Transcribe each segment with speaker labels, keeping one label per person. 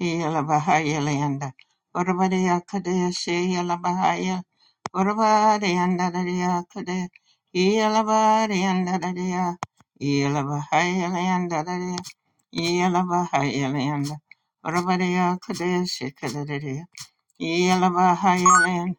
Speaker 1: Yela Bahaya Leanda. Orabadea Kadea Se Yela Bahaya. Orabadea Dadea Kadea. Yela Bahaya Dadea. Yela Bahaya Leanda Dadea. Yela Bahaya Leanda. Orabadea Kadea Se Yelabahayalan,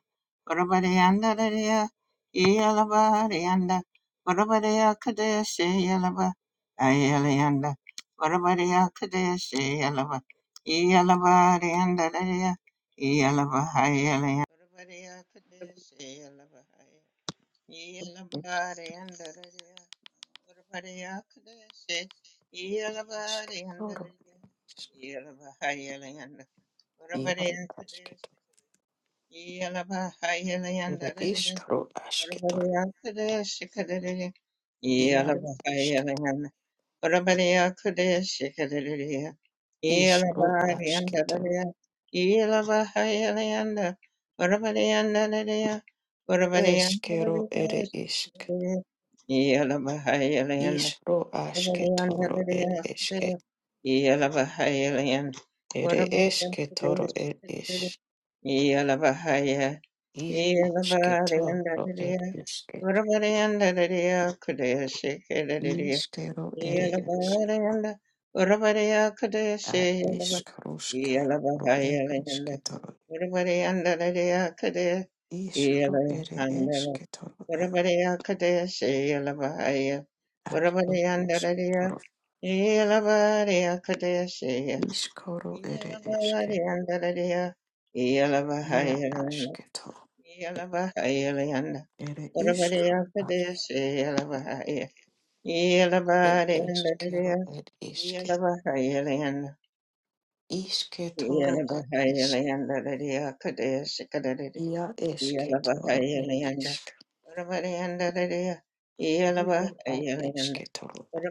Speaker 1: Urabadiandadaya, Yelabadianda, Urabadiya Kadesh, Yelaba, Ayelianda, Urabadiya Kadesh, Yelaba, Yelabadiandadaya, Yelabahayalan, Urabadiya Kadesh, Yelaba, Yelabadiandadaya, Urabadiya Kadesh,
Speaker 2: Ashketoru,
Speaker 1: Yelabadiandadaya, Yelabahayalan,
Speaker 2: Iaru Ashketor,
Speaker 1: yeah.
Speaker 2: Ere Ishkaru Ashketor, Iaru Ashket, Ishru Ashketor, Eshkero Ere Ishk, Ishru Ashketoru Ere Eshke, Ere Eshketoru Ere Ish,
Speaker 1: Yelavahaya,
Speaker 2: Ish Ashketoru Ere
Speaker 1: Yelavariandadadiya,
Speaker 2: Ishke,
Speaker 1: Uravariandadadiya, Kudaya Shikadadiya,
Speaker 2: Ishkero Ere Ishk,
Speaker 1: Yelavarianda, Uravariya Kudaya
Speaker 2: Ad
Speaker 1: Shayalava,
Speaker 2: Ishkarushka, Ru Ere
Speaker 1: Yelavahaya Linda,
Speaker 2: Eshketoru,
Speaker 1: Uravariandadadiya Kudaya,
Speaker 2: Ishru Ere
Speaker 1: Yelavandala,
Speaker 2: Eshketoru,
Speaker 1: Uravariya Kudaya Shayalavahaya,
Speaker 2: Ad
Speaker 1: Uravariandadadiya,
Speaker 2: Ishketoru,
Speaker 1: Yelavariya Kudaya yeah.
Speaker 2: Ishkoro ere eske. Ia asketo. Ere ishkoro at ed eskero ed iske. Isketoro at isk. Ia esketoro ed isk. Iaro at esketoro at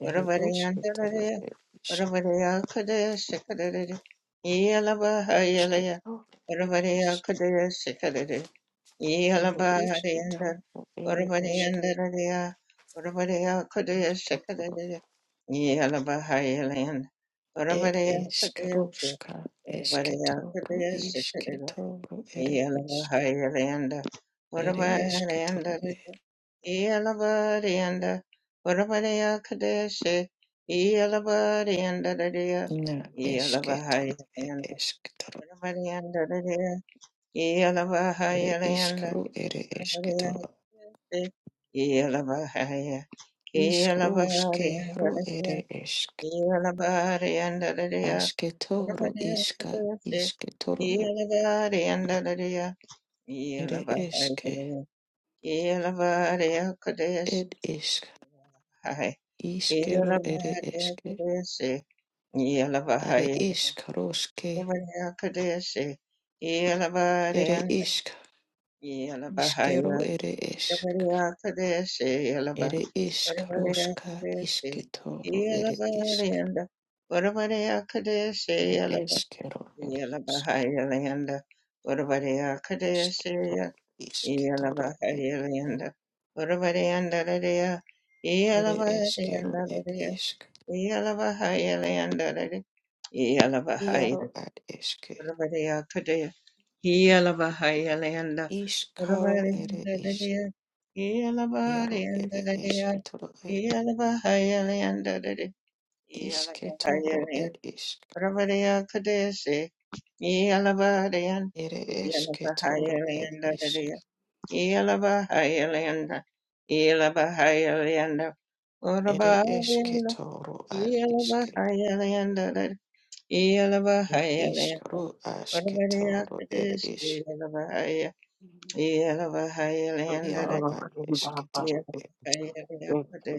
Speaker 2: ere esketoro
Speaker 1: Urabariyandaraya,
Speaker 2: ed isk.
Speaker 1: Urabariyakodaya, Sikadadada, Yalabahayalaya,
Speaker 2: Isketoro ed isk.
Speaker 1: Urabariyakodaya, Sikadadada,
Speaker 2: Ere
Speaker 1: Yalabahariyandar,
Speaker 2: isketoro ere eske.
Speaker 1: Urabariyandaraya, Urabariyakodaya,
Speaker 2: Isketoro
Speaker 1: Sikadadada, Yalabahayalayand,
Speaker 2: ed
Speaker 1: Urabariyakodaya, Si-
Speaker 2: eskroska. Esketoro
Speaker 1: Urabariyakodaya, Sikadadada,
Speaker 2: isketoro ere isk.
Speaker 1: Yalabahayalayanda,
Speaker 2: ere
Speaker 1: Warabahayalayanda,
Speaker 2: esketoro,
Speaker 1: Yalabarayanda, Warabaya Kadeshi, Yalabarayanda,
Speaker 2: na esketoro, ere
Speaker 1: Yalabahayalayanda,
Speaker 2: esketoro,
Speaker 1: Warabayanda,
Speaker 2: ere
Speaker 1: Yalabahayalayanda,
Speaker 2: iskaro, ere
Speaker 1: Warabaya
Speaker 2: esketoro,
Speaker 1: Kadeshi, Yalabahaya,
Speaker 2: iskaro,
Speaker 1: Yalabarayanda,
Speaker 2: skero, ere esk,
Speaker 1: Yalabarayanda,
Speaker 2: asketoro,
Speaker 1: Warabaya
Speaker 2: iska,
Speaker 1: Kadeshi,
Speaker 2: isketoro,
Speaker 1: Yalabarayanda,
Speaker 2: ere eske,
Speaker 1: Yelabahaya
Speaker 2: ed isk, iskero, ere eske, are iskaro, ske, ere isk, iskero, ere esk, ere iskaro, ska, isketoro, ere isk, ere eskero, ere
Speaker 1: Landa, Whatabody
Speaker 2: Iskito,
Speaker 1: Akadesh,
Speaker 2: iskitoro, ed,
Speaker 1: Iyalabahariyanda, Urabariyandalariya,
Speaker 2: ere eskero, ed
Speaker 1: Iyalabariyandalariya,
Speaker 2: isk.
Speaker 1: Iyalabahariyandalari,
Speaker 2: Iaro
Speaker 1: Iyalabahaya,
Speaker 2: ad eske.
Speaker 1: Urabariyakadaya, Iyalabahariyanda,
Speaker 2: Iskaro ere isk.
Speaker 1: Urabariyandalariya,
Speaker 2: Iaro ere
Speaker 1: Iyalabariyandalariya,
Speaker 2: eskitoro ed.
Speaker 1: Iyalabahariyandalari,
Speaker 2: Isketoro
Speaker 1: Iyalabahariyanda,
Speaker 2: ed isk.
Speaker 1: Urabariyakadaya, Iyalabariyan,
Speaker 2: Ere esketoro ed isk.
Speaker 1: Iyalabahariyandalariya, Yelabahayalayanda, Yelabahayalayanda,
Speaker 2: Ere
Speaker 1: Urabahayalayanda,
Speaker 2: esketoro ad iske.
Speaker 1: Yelabahayalayanda,
Speaker 2: Ed
Speaker 1: Yelabahayalayanda,
Speaker 2: iskaro asketoro ed
Speaker 1: Urabariyakadesi,
Speaker 2: isk.
Speaker 1: Yelabahaya, Yelabahayalayanda,
Speaker 2: Iaro ad eskitoro ed.
Speaker 1: Yelabahayalayakade,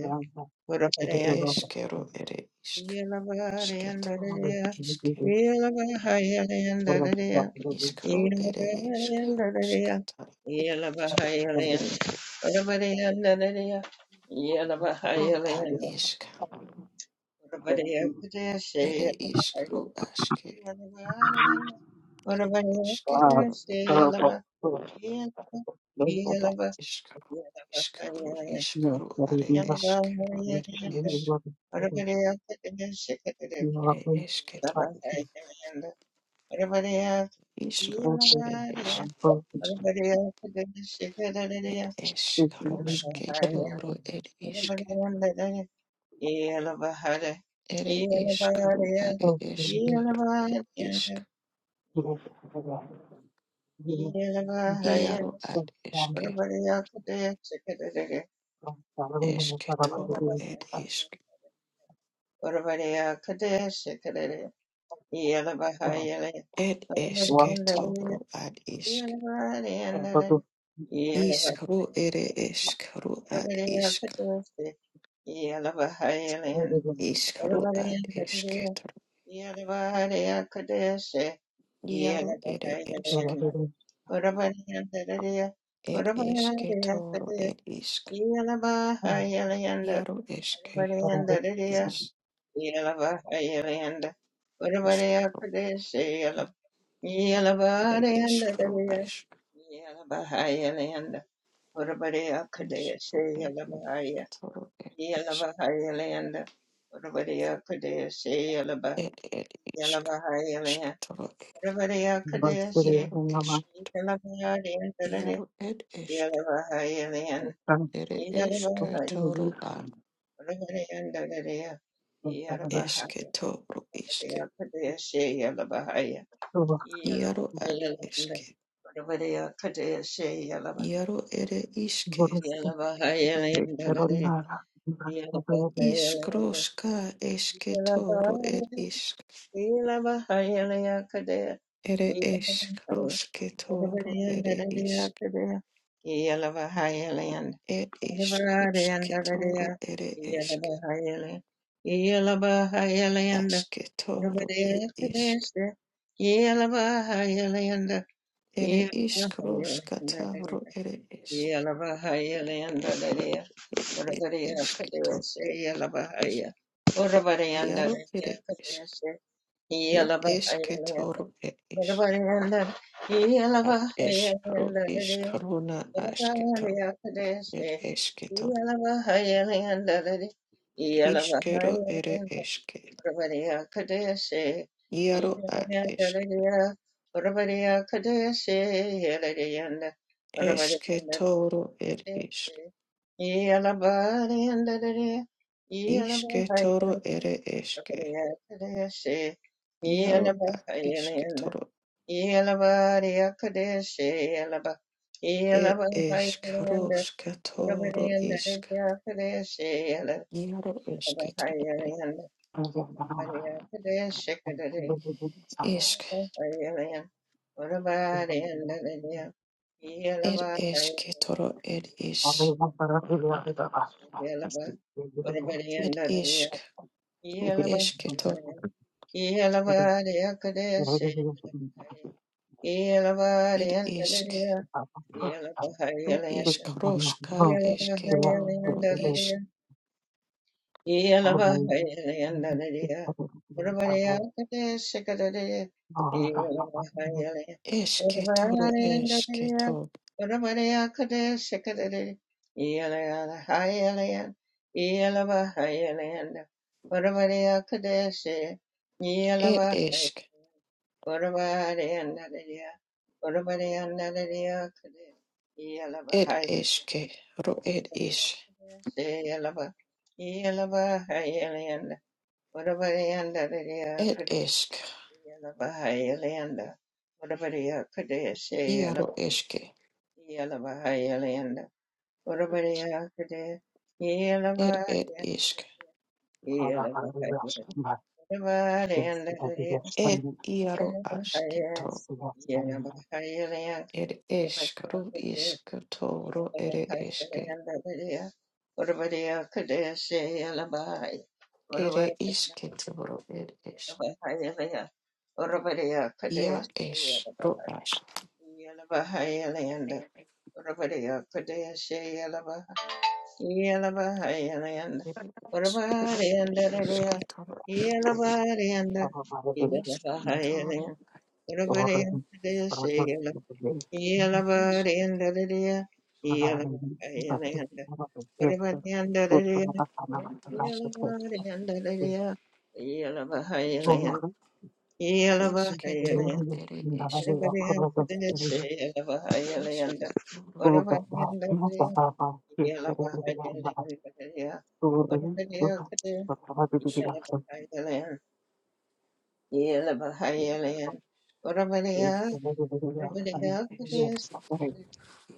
Speaker 2: Ere
Speaker 1: Urabariyanda,
Speaker 2: eskero ere isk.
Speaker 1: Yelabahayalayanda,
Speaker 2: Asketoro iske.
Speaker 1: Yelabahayalayanda,
Speaker 2: Iskaro ere eskaro
Speaker 1: Yeah.
Speaker 2: skatara ere iskaro a iska ere iskaro aske ere esketoro ere iskaro iskaro iskaro are eskero ere es ere esketoro iskaro are esk
Speaker 1: Yeah.
Speaker 2: ere eskaro sketoro ere iske ere iskaro are esk ere isk iaro ad eske esketoro ere isk Ed ishk tobru ad ishk. Ishkru ere ishkru ad ishk.
Speaker 1: Yeah,
Speaker 2: Ishkru ad
Speaker 1: Yalabahayalanda,
Speaker 2: ishketru. Yaru ere ishk. Ed ishketoru ed ishk. Yaru ishke. Ish. Ishkru ere ishkru ishk. Ishkru ed ishkru ed ishk.
Speaker 1: Urabadiya Kadea
Speaker 2: Ed ed ishkru
Speaker 1: Yalavahayalaya.
Speaker 2: ishketru.
Speaker 1: Ravariya Kadesi.
Speaker 2: Yaru ishk.
Speaker 1: Yalavahayalaya.
Speaker 2: Yaru ed ishk.
Speaker 1: Yalavahayalaya.
Speaker 2: Ere
Speaker 1: Yalavahayalaya.
Speaker 2: ishketoru
Speaker 1: Ravariya
Speaker 2: Eske
Speaker 1: Yalavahayalaya
Speaker 2: toro iske.
Speaker 1: Kadesi. Yalavahaya.
Speaker 2: Iaro ad
Speaker 1: Yalavahayalaya.
Speaker 2: eske.
Speaker 1: Ravariya Kadesi. Yalava.
Speaker 2: Iaro ere iske.
Speaker 1: Yalavahayalaya. Yalavahayalaya.
Speaker 2: Iskroska eske toro er
Speaker 1: Yalavahayalaya.
Speaker 2: isk.
Speaker 1: Yalavahayalaya
Speaker 2: Ere
Speaker 1: Kadesi.
Speaker 2: eskroske
Speaker 1: Yeah.
Speaker 2: toro ere isk. Et iskroske toro ere eske. Aske toro er isk. Ere iskroska toro ere isk. Et et eske toro. Iaro ere isk. Et eske toro er isk. Ad eskero iskaruna
Speaker 1: Yalaba,
Speaker 2: asketo. Ed esketo. Iskero ere eske. Iaro ad eske. Esketoro ed isk. Isketoro ere eske. Iaro ad isketoro. Ed eskro
Speaker 1: yeah.
Speaker 2: sketoro isk. Iaro esketoro ed isk. Ed esketoro ed is. Ed isk. Ru esketo. Ed isk. Ru ish kroshka esketo ru ish
Speaker 1: Yeah.
Speaker 2: esketoro esketo ed esk ed eske ru ed ish
Speaker 1: Utabadianda Lydia
Speaker 2: ed esk
Speaker 1: Kadayala Bahayalianda Utabadiya Kadeshayala
Speaker 2: iaro eske
Speaker 1: Yala Bahayalianda Utabadiya Kadeh Yala
Speaker 2: ed ed
Speaker 1: Bahayanda
Speaker 2: isk
Speaker 1: Yala Bahayala Utabadianda Lydia
Speaker 2: ed iaro
Speaker 1: Yala Bahaya
Speaker 2: asketo
Speaker 1: Yala Bahayalianda
Speaker 2: et esk
Speaker 1: Utabadiya
Speaker 2: ru
Speaker 1: Kadeh
Speaker 2: isketo ru
Speaker 1: Yala
Speaker 2: ere eske
Speaker 1: Bahayalianda Lydia Utabadiya Kadeshayala
Speaker 2: ere
Speaker 1: Bahaya
Speaker 2: isketo ru et esk
Speaker 1: Yeah.
Speaker 2: ia esh ru ask et esk ru et esketo ru Esketoro ere
Speaker 1: Yeah.
Speaker 2: esk, esketoro esk, ero ere esk,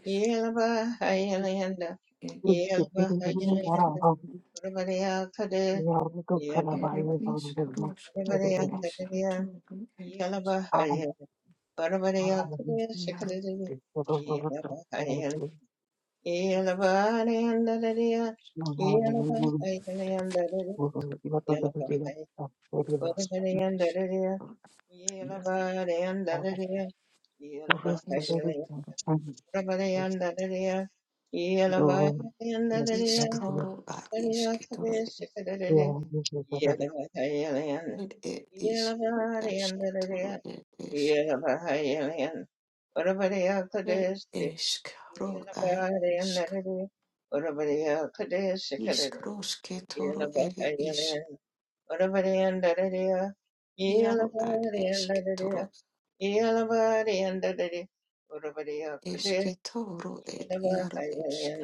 Speaker 2: esk, ed, esketo, ere esk, roska, esketoro ere esk, yaro ere esk,
Speaker 1: Yeah.
Speaker 2: esko, esketoro, yaro, esketoro ere, iskoro a isketoro ere, ed, ed, iskro, esketoro ere esk, ed, esk, ro
Speaker 1: Yeah.
Speaker 2: a Iskrosketoro ere isk iaro ad esketoro esketoro ed iaro esk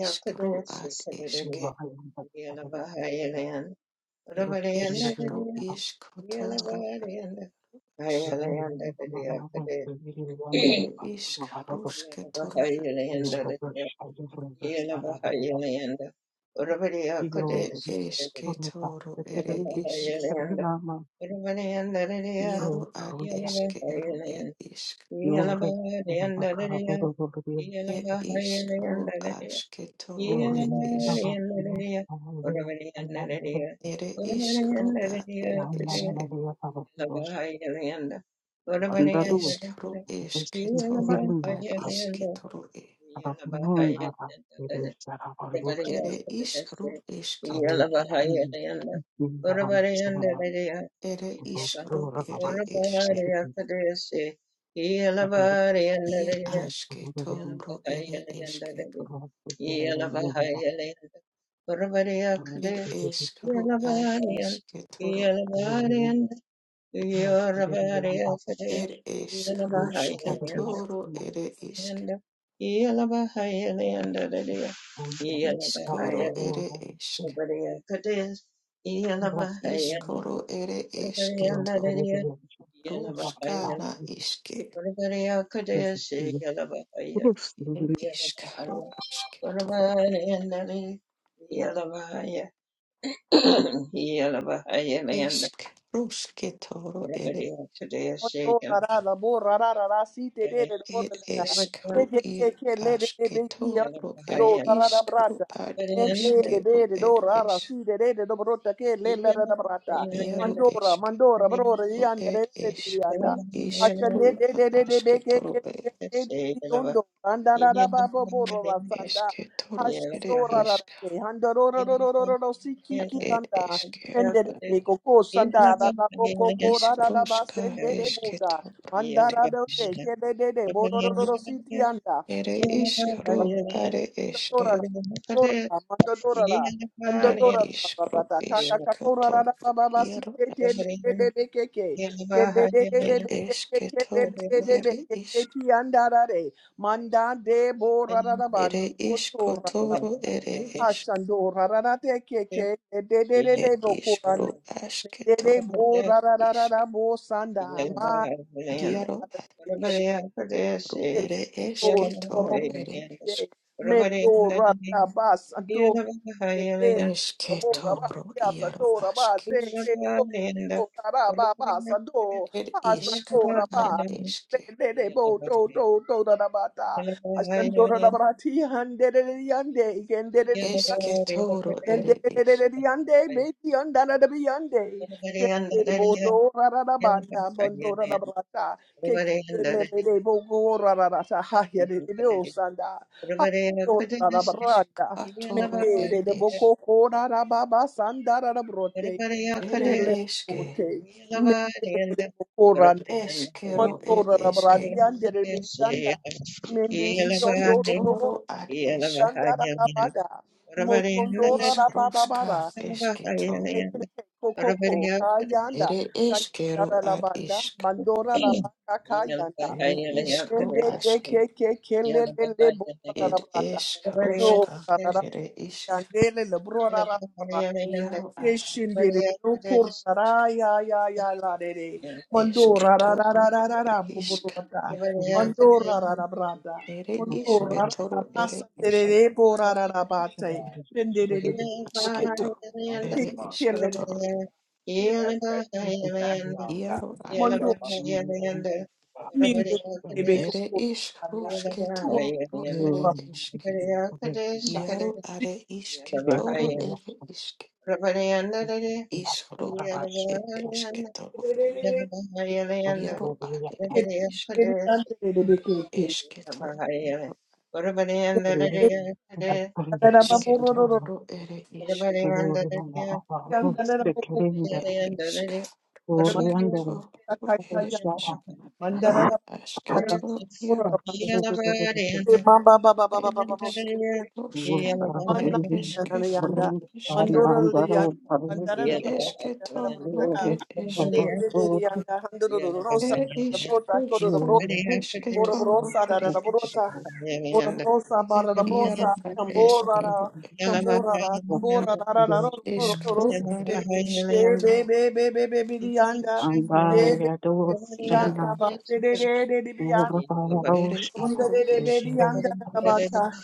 Speaker 2: iskro ad eske ed eskro iskotoro as ere isk rusketoro ad esk
Speaker 1: Yelabahayalayanda, Urabadiya
Speaker 2: ed
Speaker 1: Kodes,
Speaker 2: esketoro ere isk
Speaker 1: Yelabahayalayanda, Urabadiyanda Dadiya,
Speaker 2: iaro ad eskero ed
Speaker 1: Yelabahayalayanda,
Speaker 2: isk
Speaker 1: Yelabadiyanda Dadiya,
Speaker 2: ed iskro
Speaker 1: Yelabahayalayanda Dadiya,
Speaker 2: asketoro ed isk
Speaker 1: Yelabadiyanda Dadiya, Urabadiyanda Dadiya,
Speaker 2: ere iskro
Speaker 1: Urabadiyanda
Speaker 2: ad
Speaker 1: Dadiya Kodes,
Speaker 2: ed
Speaker 1: Yelabahayalayanda,
Speaker 2: Ed
Speaker 1: Urabadiyanda
Speaker 2: eskru esketoro ad
Speaker 1: Dadiya,
Speaker 2: isketoro e.
Speaker 1: yeah.
Speaker 2: Ere iskru esketoro ad. Ere iskru ere eske. Ie asketoro ere eske. Ed eskru ad isketoro. Ed eskru sketoro ere isk.
Speaker 1: Yanda, yala bahaya yanda dadaya, yala bahaya
Speaker 2: Iskoro ere esk.
Speaker 1: kabadaya kadaya, yala bahaya
Speaker 2: Iskoro ere
Speaker 1: kabadaya
Speaker 2: esketo.
Speaker 1: dadaya, yala bahaya
Speaker 2: Ruskana iske.
Speaker 1: kabadaya kadaya se yala bahaya,
Speaker 2: Ed
Speaker 1: yala
Speaker 2: iskru
Speaker 1: bahaya
Speaker 2: asketoro.
Speaker 1: kabadaya yanda dadaya, yala bahaya, yala bahaya
Speaker 2: Esk rusketoro ere
Speaker 1: se
Speaker 3: Mondo rara la borra rara la si te de de borra
Speaker 2: ed
Speaker 3: la
Speaker 2: eskru
Speaker 3: che che che
Speaker 2: i
Speaker 3: che le de de de chi
Speaker 2: asketoro ed
Speaker 3: do rara da
Speaker 2: iskru
Speaker 3: brata
Speaker 2: ad
Speaker 3: mente de
Speaker 2: eskero
Speaker 3: de de do
Speaker 2: ed
Speaker 3: rara
Speaker 2: es
Speaker 3: si de de de do brota che le le da brata
Speaker 2: iero
Speaker 3: Mandora,
Speaker 2: eskero
Speaker 3: Mandora,
Speaker 1: Yeah.
Speaker 3: Brora, Yanda,
Speaker 2: ed eskru
Speaker 3: Yanda,
Speaker 2: iskru
Speaker 3: Ashande, De, di anda asce le De,
Speaker 2: na
Speaker 3: De, De, de Be, Ke,
Speaker 2: asketoro
Speaker 3: Ke,
Speaker 2: ed
Speaker 3: Ke, Ke, De, Yondo, Anda, Da, Da, Ba, Bo, Bo, Ro, Ra, Sanda,
Speaker 2: esketoro ere
Speaker 3: Ashandora, Ra, Ra,
Speaker 2: isk
Speaker 3: Te, Handa, Ro, Ro, Ro, Ro, Ro, Ro, Ro, Si, Ki,
Speaker 2: ad
Speaker 3: Ki,
Speaker 2: ed
Speaker 3: Anda,
Speaker 2: eskero ad
Speaker 3: Mendele koko sanda da da boko ko da da da ba
Speaker 2: iskroska
Speaker 3: sende de boda
Speaker 2: esketoro ed
Speaker 3: mandara de de
Speaker 2: isk
Speaker 3: ke de de de bo do do do do siti anda
Speaker 2: ere iskru are eske
Speaker 3: Dorada, Dorada, Manda Dorada, Manda
Speaker 2: ed
Speaker 3: Dorada,
Speaker 2: iskru
Speaker 3: Babata, Kaka
Speaker 2: isketoro
Speaker 3: Kakorada, Baba,
Speaker 2: iero
Speaker 3: Sike, Keke,
Speaker 2: It is Ketoro, it is
Speaker 3: Keke, Andarade, Manda de Borada
Speaker 2: it
Speaker 3: Banda,
Speaker 2: is
Speaker 3: Koto
Speaker 2: Kotoro,
Speaker 3: Radabanda,
Speaker 2: it is
Speaker 3: Hashando Radada Keke,
Speaker 1: Yeah.
Speaker 2: it
Speaker 3: Dede
Speaker 2: is
Speaker 3: Bokurande,
Speaker 2: Kro
Speaker 3: Dede
Speaker 2: Asketoro,
Speaker 3: Bo
Speaker 2: it is
Speaker 3: Radada Bo Sanda, Man.
Speaker 2: Giaro Askro, it is
Speaker 3: Lord, Lord,
Speaker 2: Ketoro, it is
Speaker 3: Sunday, Mendora, Bas, Adora, the Kid, Abora,
Speaker 2: Esketoro,
Speaker 3: Bas,
Speaker 2: Iaro
Speaker 3: Adora,
Speaker 2: Ask,
Speaker 3: Bas, Adora, Bas, Adora,
Speaker 2: it
Speaker 3: Bas,
Speaker 2: is
Speaker 3: Adora,
Speaker 2: Kro
Speaker 3: Bas,
Speaker 2: Aske,
Speaker 3: de de bo to to to da da ba ta ashan to da da ba ti han de de de yan de
Speaker 2: Esketoro, it is
Speaker 3: Mendeleleleleyande, metiyandaradabiyande. Shende bodorararabanda, bondorabrata. Kekelelele bogorararata, hahyadelebeosanda.
Speaker 1: Urvaraya Kadayasi,
Speaker 3: Hashandorarabranda.
Speaker 2: Iskatoro, it
Speaker 3: Mendelele
Speaker 1: Yelavarayanda,
Speaker 2: is
Speaker 3: bokokorarababa, sandararabrote.
Speaker 1: Urvaraya
Speaker 2: it
Speaker 1: Kadayasi,
Speaker 2: is
Speaker 3: Melelebote.
Speaker 1: Yelavarayanda,
Speaker 3: Mendelele
Speaker 1: Urvaraya
Speaker 2: Eskero, it
Speaker 3: Mandora
Speaker 2: is
Speaker 3: Rabradianda
Speaker 1: Kadayasi,
Speaker 3: Rebianda Mendi Yondoro
Speaker 1: Yelavarayanda,
Speaker 2: Isketoro, it is
Speaker 3: Yandara
Speaker 1: Yelavarayanda,
Speaker 3: Rabada
Speaker 1: Urvarayanda,
Speaker 3: Mosondora
Speaker 2: Iskroska
Speaker 3: Rababara
Speaker 2: esketo.
Speaker 1: Yelavarayanda,
Speaker 3: Tete Kokoko
Speaker 1: Urvaraya
Speaker 3: Kayanda
Speaker 1: Kadayasi,
Speaker 2: Ere eskero
Speaker 1: Yelavarayanda,
Speaker 3: Kayanda
Speaker 2: ad
Speaker 3: Rabanda
Speaker 2: isk.
Speaker 3: Mandora
Speaker 1: Kadayasi,
Speaker 3: Rabaka
Speaker 1: Yelavarayanda,
Speaker 3: Kayanda
Speaker 1: Urvaraya Kadayasi,
Speaker 2: Ere
Speaker 1: Yelavarayanda,
Speaker 2: iskro
Speaker 3: Ende ke ke
Speaker 2: aske.
Speaker 3: ke ke le le le bo ra ra
Speaker 2: Ed
Speaker 3: ra ra. No,
Speaker 2: eskroska. Ere isk.
Speaker 3: Yandele Lebrona Rabra.
Speaker 2: Iaro ad isk.
Speaker 3: Yeshindele
Speaker 1: Urvaraya
Speaker 3: Loko
Speaker 1: Kadayasi,
Speaker 3: Rara Ya Ya Ya La De De.
Speaker 1: Everybody
Speaker 3: Mando Rara Rara
Speaker 2: Esketoro
Speaker 3: Rara
Speaker 2: ad
Speaker 3: Rara
Speaker 2: isk.
Speaker 3: Bobrota.
Speaker 1: else
Speaker 3: Mando
Speaker 1: today,
Speaker 3: Rara Rara Brata.
Speaker 2: Ere
Speaker 3: Mando Rara
Speaker 2: isketoro
Speaker 3: Rara
Speaker 2: ere
Speaker 3: Basa De De
Speaker 2: isk.
Speaker 3: De Bo Rara Rara
Speaker 1: yeah,
Speaker 3: Bate. Pendele De De Bo Ko Ko Ko Ko.
Speaker 2: Asketo.
Speaker 3: Te Te
Speaker 2: Ere
Speaker 3: Kele De
Speaker 2: isketoro. Iaro ad
Speaker 3: Mando
Speaker 2: isk.
Speaker 3: Minde De Be Ko
Speaker 2: Ere
Speaker 3: Rara.
Speaker 2: iskrosketoro ere
Speaker 3: Mandora
Speaker 2: isk. Iaro ad isketoro ere isk. Ishru ad ed esketoru, yaru ad ere ishkeru, esketoru, yaru esketoru ere ishk, ed ishkaru, sketoru ere ishk, asketoru, yaru esk, ed ishkaru, ska, ed esketoru, ishk, esketoru, ed ishk, ere ishk, ruska, esketoru,
Speaker 3: Boroborosa da
Speaker 2: ere
Speaker 3: da da
Speaker 2: ishk,
Speaker 3: borota. Boroborosa bara
Speaker 2: ed
Speaker 3: da
Speaker 2: yaru
Speaker 3: brosa.
Speaker 2: ad
Speaker 1: Yeah.
Speaker 3: Kambora da.
Speaker 2: esketoru,
Speaker 3: Kambora da.
Speaker 1: Yeah.
Speaker 3: Kambora da da da ro ro ro ro ro
Speaker 2: Ishkro
Speaker 3: si te.
Speaker 2: are
Speaker 3: Te be
Speaker 2: ishketo
Speaker 3: be be be be be di anda.
Speaker 2: ishk
Speaker 3: Te be be be di
Speaker 2: iaro
Speaker 3: anda. Ba
Speaker 2: a
Speaker 3: te de de
Speaker 2: ishkro
Speaker 3: de de di bi anda.
Speaker 2: ere
Speaker 3: Onda de
Speaker 2: iaro
Speaker 3: de be
Speaker 2: ishk
Speaker 3: di anda da ba ta.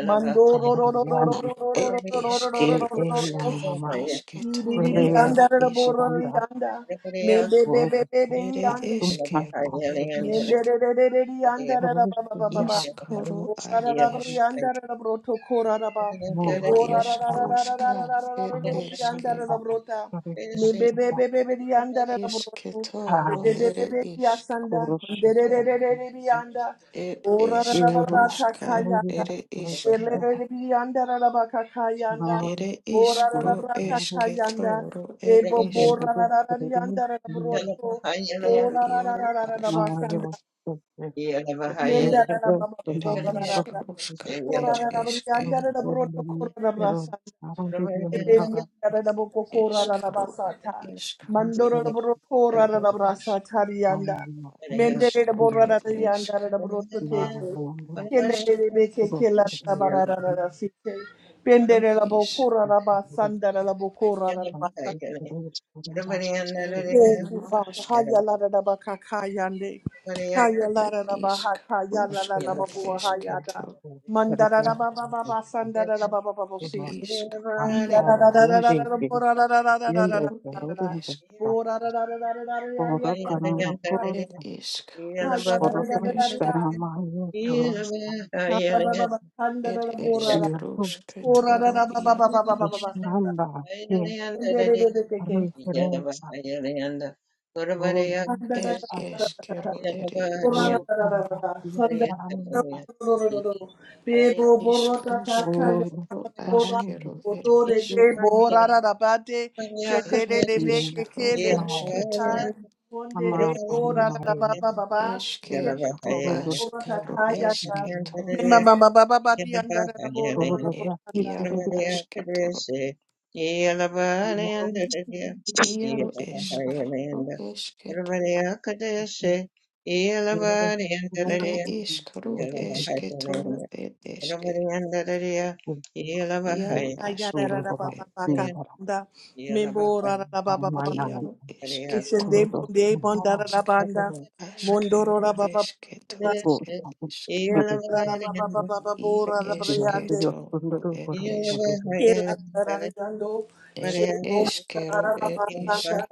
Speaker 3: Mando ro ro ro ro ro ro
Speaker 2: a
Speaker 3: ro ro
Speaker 2: ed
Speaker 3: ro ro
Speaker 2: ishk
Speaker 3: ro ro ro ro ro ro
Speaker 2: rushka
Speaker 3: si. Di di di di
Speaker 2: ishketoro ere
Speaker 3: da da bo
Speaker 2: ishk
Speaker 3: ro ro di Me be be be be be di
Speaker 2: ere ishkero ed ishk
Speaker 3: Yenderererereri yandarara baba baba ba.
Speaker 2: ishkoro ad
Speaker 3: Orarararari
Speaker 2: ishk
Speaker 3: yandarara broto korara ba.
Speaker 2: ed ishk rushka ed
Speaker 3: Orarararararararararararori
Speaker 2: ishke
Speaker 3: yandarara brota. Mebebebebeberi yandarara broto.
Speaker 2: ishketoro ere
Speaker 3: Bebebebeberi
Speaker 2: ishk
Speaker 3: yasanda. Derererereri yanda.
Speaker 2: ed ishk
Speaker 3: Orarararara kaka
Speaker 2: rushka
Speaker 3: yanda.
Speaker 2: ere ishk
Speaker 3: Derererereri yandarara baka kayanda.
Speaker 2: ere
Speaker 3: Ora ra ra
Speaker 2: ishkro
Speaker 3: ra ta ta yanda.
Speaker 2: ishketoro ed
Speaker 3: Bebo
Speaker 2: ishk
Speaker 3: bora ra ra ra ra yanda ra ra broto.
Speaker 1: Yeah.
Speaker 2: ir
Speaker 3: Ora ra ra
Speaker 2: iero
Speaker 3: ra ra ra ra
Speaker 2: aškito
Speaker 3: basanda.
Speaker 1: Yes.
Speaker 3: Menda ra ra ba ba
Speaker 2: ir
Speaker 3: bora ra ra ra.
Speaker 2: iškruška
Speaker 3: Kora
Speaker 2: ir
Speaker 3: ra ra ra
Speaker 2: iš
Speaker 3: yanda
Speaker 2: ir
Speaker 3: ra ra broto kora ra ra Thank you,
Speaker 2: iškaru ar iškaru ir iš iškaru ir išk išk išk ir iš ir iero
Speaker 3: Father.
Speaker 2: ašk
Speaker 3: Haya la da da ba ka ka yande. Kaya la
Speaker 2: ir
Speaker 3: da da ba ha ka ya la la la
Speaker 2: iškruška
Speaker 3: ba bua ha ya da.
Speaker 2: iškito
Speaker 3: Mandara da ba ba ba ba sandara da ba ba ba ba
Speaker 2: ir
Speaker 3: si.
Speaker 2: iškaru iero
Speaker 3: Thank
Speaker 2: aš iero ir iš ir iškruška iški ir iškruška toru iero Er
Speaker 3: you.
Speaker 2: eskero ere isk
Speaker 1: Yeah.
Speaker 3: Bebo borota kaka
Speaker 2: iskaroske
Speaker 3: ya
Speaker 2: ro
Speaker 3: bora
Speaker 2: askero er
Speaker 3: otore te
Speaker 2: isk
Speaker 3: bora rabate shendele
Speaker 2: ere
Speaker 3: de be
Speaker 2: isk ro
Speaker 3: keke le te kaka
Speaker 2: asketo
Speaker 3: konde de bora rababa baba
Speaker 2: eske ro
Speaker 3: shendele de
Speaker 2: ask
Speaker 3: borota
Speaker 2: ro
Speaker 3: kaya ya
Speaker 2: esketo
Speaker 3: mema baba baba bati anda raboro
Speaker 2: er
Speaker 3: raboro anda
Speaker 2: iaro asketo
Speaker 1: Yeah.
Speaker 2: iaro esk ro esketo ere isk ro esketo ro er eske iaro
Speaker 3: ayara
Speaker 2: askero
Speaker 3: rababa
Speaker 2: er
Speaker 3: baba kanda membora rababa baba
Speaker 2: iaro esketo
Speaker 3: Kishende bunde bondara la banda. Mondoro
Speaker 2: askero
Speaker 3: la baba
Speaker 2: esketo
Speaker 3: baba.
Speaker 2: er isk
Speaker 3: Mandara la baba baba
Speaker 2: I
Speaker 3: babora la
Speaker 2: eske
Speaker 3: briande.
Speaker 2: toro ed eske.
Speaker 3: Kela la la riando.
Speaker 2: Ere
Speaker 3: Shebo
Speaker 2: eskero
Speaker 3: mandara la
Speaker 2: ed
Speaker 3: banda.
Speaker 2: isk.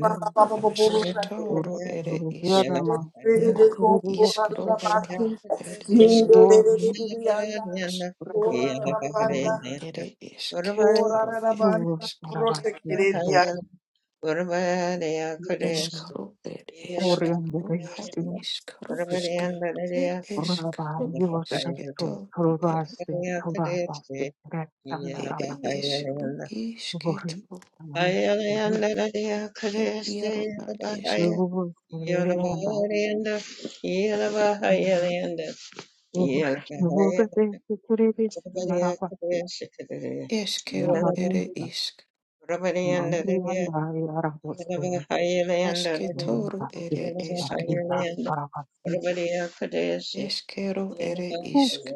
Speaker 3: Baba baba babora
Speaker 2: Aske
Speaker 3: la
Speaker 2: toro ere
Speaker 1: Yeah.
Speaker 2: isk.
Speaker 3: Rede de compora la
Speaker 2: Iskroska
Speaker 3: baki.
Speaker 2: ed
Speaker 3: Minde de
Speaker 2: eskero.
Speaker 3: de de
Speaker 2: Ja
Speaker 3: brianda.
Speaker 2: es.
Speaker 3: Cora la banda.
Speaker 2: Ere eske toro
Speaker 3: Cora la
Speaker 2: ed
Speaker 3: banda.
Speaker 2: isk.
Speaker 3: Prote
Speaker 2: Iskro ed esk. ro ad iskroska. Ed eskro eske toro ed ere eskro ro isketo
Speaker 1: Yeah.
Speaker 2: Ed iaro ad eske. Eskero ere isk. Asketoro ere eske. Eskero ere isk.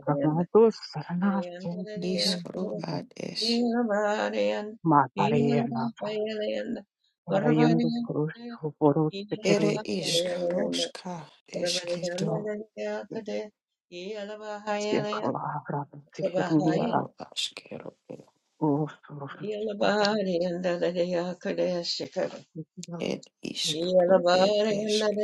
Speaker 2: Iskro ad es.
Speaker 1: Yeah.
Speaker 2: Ere isk roska esketo. Ed iaro askero ere. Ed isk ed esk.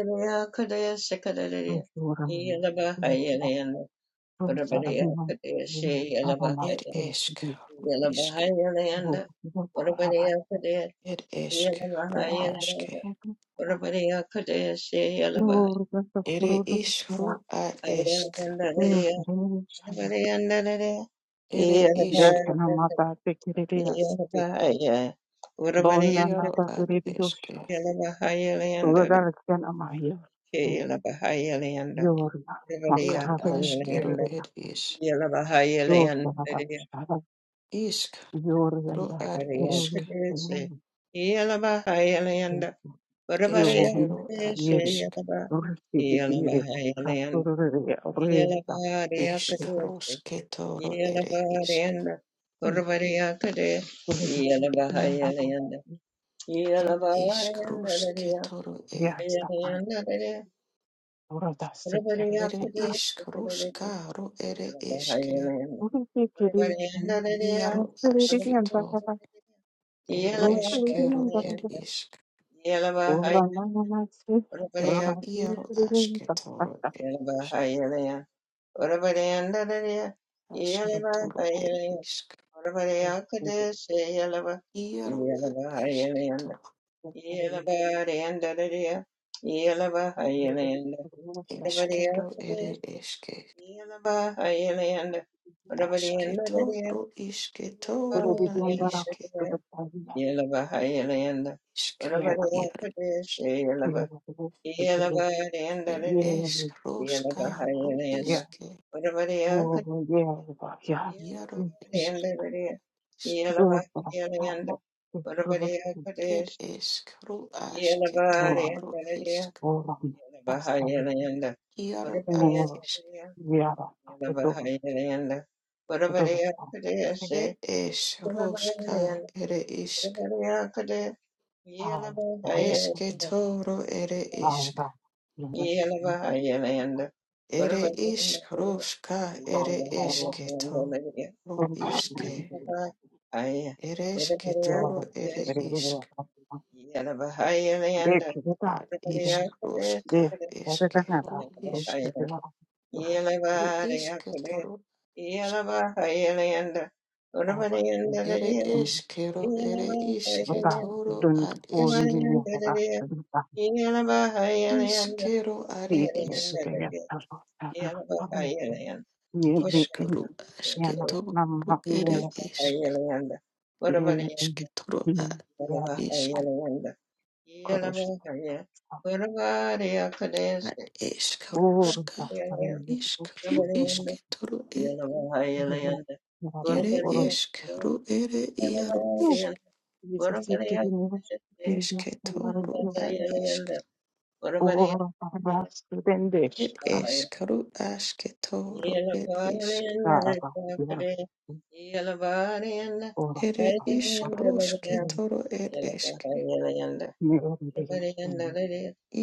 Speaker 2: Ed esk ro isk. Ed esk ro aske. Ere isk ro ad esk.
Speaker 1: Yeah,
Speaker 2: Ere isk iaro ad eske. Ed askero ed is. Isk ro ad isk. Eskero ad isk. Eskaros ketoro ere isk.
Speaker 1: Yeah.
Speaker 2: Ed isk rus ketoro e. Ere isk rus karo ere eske. Iaro asketo. Ere eskero ed isk. Ere iaro asketoro ed isk. Asketoro ed isk. Iaro ad esketoro.
Speaker 1: Everybody else
Speaker 2: Eskero
Speaker 1: for this,
Speaker 2: ere eske.
Speaker 1: me and the bar, I and everybody in the area,
Speaker 2: Asketoro
Speaker 1: me and the bar,
Speaker 2: isketoro na
Speaker 1: and
Speaker 2: iske.
Speaker 1: the bar, Yelava, I and
Speaker 2: Iskru
Speaker 1: everybody else
Speaker 2: iaro
Speaker 1: for this,
Speaker 2: eske
Speaker 1: Yelava, Yelava, and the area,
Speaker 2: eskroska
Speaker 1: Yelava, I
Speaker 2: ru
Speaker 1: and
Speaker 2: iske
Speaker 1: everybody else, Yelava,
Speaker 2: iaro
Speaker 1: and
Speaker 2: esk
Speaker 1: the area,
Speaker 2: isk
Speaker 1: Yelava, and everybody else for
Speaker 2: ed
Speaker 1: this,
Speaker 2: eskru aske
Speaker 1: Yelava, and
Speaker 2: toru isk iaro ad isk
Speaker 1: Yalabahayalayanda, Varavareyakadeyase,
Speaker 2: ed esroska
Speaker 1: Yalabahayalayanda,
Speaker 2: ere isk
Speaker 1: Varavareyakade,
Speaker 2: eske
Speaker 1: Yalabahayalayanda,
Speaker 2: toru ere isk
Speaker 1: Yalabahayalayanda,
Speaker 2: ere
Speaker 1: Varavareyakadeyase,
Speaker 2: iskroska ere
Speaker 1: Yalabahayalayanda,
Speaker 2: eske
Speaker 1: Varavareyakadeyase,
Speaker 2: toru iske ere eske toru ere
Speaker 1: Varavareyakadeyase,
Speaker 2: isk
Speaker 1: Yalabahayalayanda,
Speaker 2: ad
Speaker 1: Varavareyakadeyase,
Speaker 2: iskroska eske ru isk
Speaker 1: Yalabahaya-
Speaker 2: Ru
Speaker 1: Yalabareyakade,
Speaker 2: ishketoro
Speaker 1: Yalabahayalayanda,
Speaker 2: ere
Speaker 1: Varavaryakadeyase,
Speaker 2: eskero ere
Speaker 1: Yeah.
Speaker 2: ishketoro ad eske. Ishkero are isk. Ishkaru ashketoro ere esk. Ishketoro ad isk. Ad eskaruska. Ishkaru ishketoro e. Ere ishkaru ere iaru isk. Esketoro ad isk.
Speaker 1: Urabare
Speaker 2: Et
Speaker 1: Bahaya
Speaker 2: eskaru ashketoro ed isk.
Speaker 1: Yelabarianakre Yelabariana
Speaker 2: Ere
Speaker 1: Hayana
Speaker 2: ishkaroshke toro ed eshke.
Speaker 1: Yelabahayanda Bariana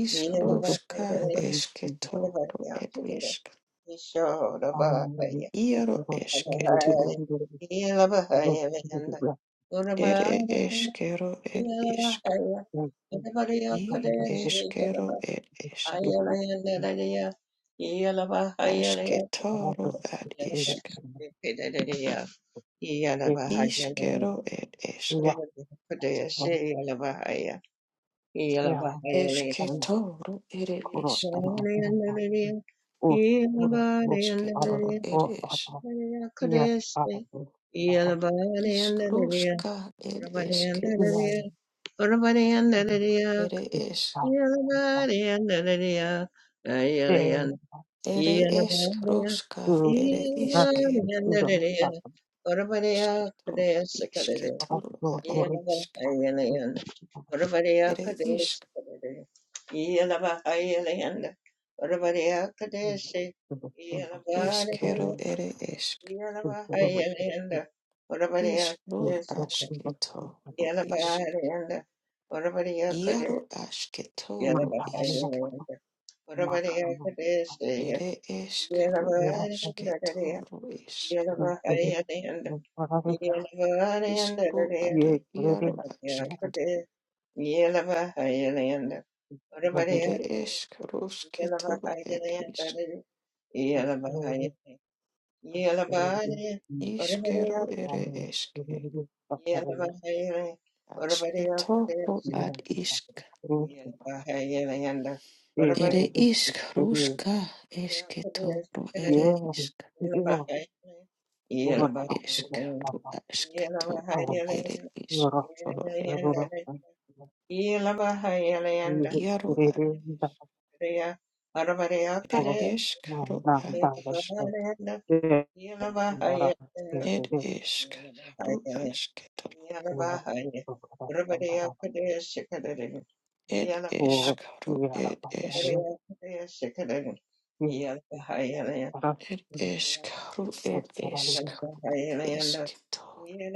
Speaker 2: Ishkaroshka
Speaker 1: Yelabahaya
Speaker 2: eshke toro ed
Speaker 1: Urabariya
Speaker 2: ishk.
Speaker 1: Ishodabahaya
Speaker 2: Iaro eshke to.
Speaker 1: Yelabahaya Yelabahayanda
Speaker 2: Ere
Speaker 1: Urabariya
Speaker 2: eshkero ed ishk.
Speaker 1: Yelabahaya Yelabariya
Speaker 2: I
Speaker 1: Kadeshi
Speaker 2: eshkero ed eshk.
Speaker 1: Yelabahaya
Speaker 2: Ashke
Speaker 1: Yelabahaya
Speaker 2: toro ad ishk.
Speaker 1: Yeah.
Speaker 2: Ishkero ed eshk. Eshke toro ere ishk. Eshke toro ed ish. Ishkaroshka ed eshke. Ere Ere
Speaker 1: Yeah.
Speaker 2: eshkroshka, ere iske, ashketo, ishketoro, are isk, ere isk, eshkero, ere esk, isk, ishro, ashketo, ro ishk, yero, ashketoro, ishk, ere eshkro, ashketoro, isk,
Speaker 1: Yeah.
Speaker 2: ishkro, are, yero, ashk, ere eshkroshketoro, ere isk, ishkero, ere eshke, ashketoro, ad isk. Ere ishk rushka esketo ere ishk e ishk ro esketo ere ishk toro e
Speaker 1: Yelabahayalayanda,
Speaker 2: iaru a
Speaker 1: Yelabahadeya,
Speaker 2: ere
Speaker 1: Aravareyakade,
Speaker 2: ishk ro a ishk
Speaker 1: Yelabahayalayanda, Yelabahayalayanda, Yelabahayalayanda,
Speaker 2: ed ishk ro esketo
Speaker 1: Yelabahayalay, Yelabahaya, Aravareyakade, Shikadadada,
Speaker 2: ed
Speaker 1: Yelabahaya,
Speaker 2: ishk ro ed ishk
Speaker 1: Aravareyakade, Shikadadada, Yelabahayalayanda,
Speaker 2: ed ishk ro
Speaker 1: Aravareyakade,
Speaker 2: ed
Speaker 1: Yelabahayalayanda, Arabarea Kade,
Speaker 2: ishk
Speaker 1: Yelabahayalayanda,
Speaker 2: esketo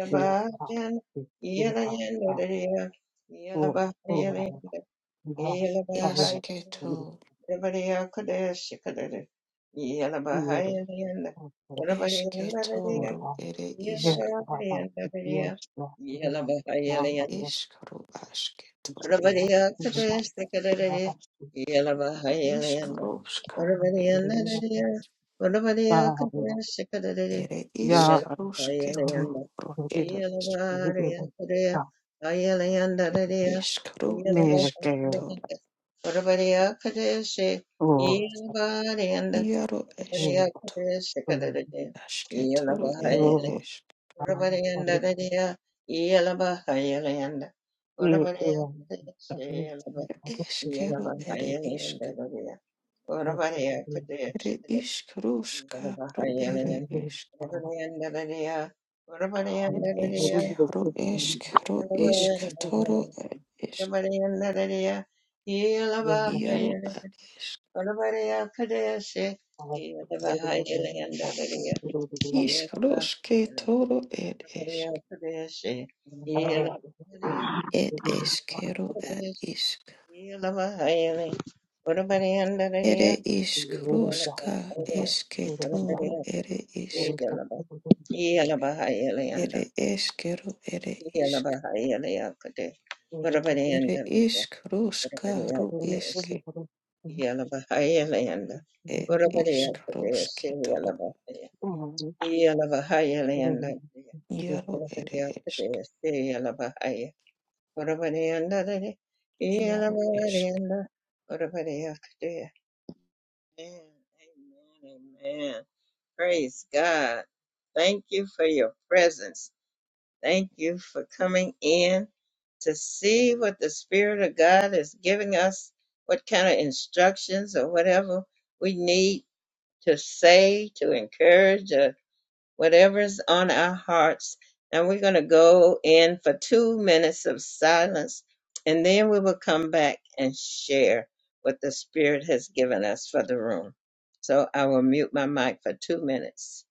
Speaker 2: ere
Speaker 1: Yelabahayan, Yelayanda, Yelabahayalayanda, Yelabahayalayanda,
Speaker 2: esketo
Speaker 1: Everybody Kodesh Kadere Yelabahayanda Everybody and
Speaker 2: esketo
Speaker 1: Ladaria
Speaker 2: ere ishk
Speaker 1: Yelabahayanda
Speaker 2: ere
Speaker 1: Yelabahayanda
Speaker 2: ishk ro esketo
Speaker 1: Yalabahayalanda,
Speaker 2: Ishkarovska it is ere ishkarosketo ro it is it ishkaro esketo iaro esketo asketoro ere esk
Speaker 1: Orabariyanda dadiya iyalaba hayalayanda. Orabariyakadaya seyalaba
Speaker 2: eskero
Speaker 1: iyalaba
Speaker 2: ere isk
Speaker 1: hayalayanda dadiya. Orabariyakadaya
Speaker 2: ere
Speaker 1: seyalaba
Speaker 2: ishkaroska
Speaker 1: iyalaba
Speaker 2: ro ere
Speaker 1: hayalayanda.
Speaker 2: esk
Speaker 1: Orabariyanda dadiya.
Speaker 2: it
Speaker 1: Orabariyanda
Speaker 2: esk
Speaker 1: dadiya
Speaker 2: ro esk ro
Speaker 1: iyalaba
Speaker 2: isk toro
Speaker 1: hayalayanda.
Speaker 2: ere isk
Speaker 1: Orabariyanda dadiya iyalaba
Speaker 2: iaro
Speaker 1: hayalayanda.
Speaker 2: ad isk
Speaker 1: Orabariyakadaya se iyalaba hayalayanda dadiya.
Speaker 2: ishkarosketoro ere
Speaker 1: Maria
Speaker 2: esk
Speaker 1: Kadeshi, Yela Marian
Speaker 2: it eskero ad
Speaker 1: Kadesh,
Speaker 2: isk
Speaker 1: Yela Mahayali, Ora Maria
Speaker 2: Ere
Speaker 1: Nadia,
Speaker 2: ishk
Speaker 1: Yela
Speaker 2: rushka
Speaker 1: Mahayali,
Speaker 2: eshke
Speaker 1: Ora
Speaker 2: toro
Speaker 1: Maria
Speaker 2: ere
Speaker 1: Kadesh,
Speaker 2: ishk
Speaker 1: Yela Mahayali, Yela Mahayali,
Speaker 2: ere eshkero ere
Speaker 1: Yela
Speaker 2: ishk
Speaker 1: Mahayali, Kadesh, Ora Maria
Speaker 2: ere
Speaker 1: Nadia,
Speaker 2: ishk
Speaker 1: Ora Maria
Speaker 2: rushka ru
Speaker 1: Kadesh,
Speaker 2: eshke
Speaker 1: Yela Mahayali,
Speaker 2: er
Speaker 1: Ora Maria
Speaker 2: ishk
Speaker 1: Kadesh, Yela
Speaker 2: rushke
Speaker 1: Mahayali, Yela
Speaker 2: toro
Speaker 1: Mahayali, Ora Yalabahaya,
Speaker 2: yaro ere
Speaker 1: Yalabahaya,
Speaker 2: ishk
Speaker 1: Yalabahaya, Urabarianda,
Speaker 2: yaro ishk.
Speaker 1: Yelabarianda, Urabariakde. Amen, amen, amen. Praise God. Thank you for your presence. Thank you for coming in to see what the Spirit of God is giving us, what kind of instructions or whatever we need to say, to encourage whatever's on our hearts. And we're going to go in for two minutes of silence, and then we will come back and share what the Spirit has given us for the room. So I will mute my mic for two minutes.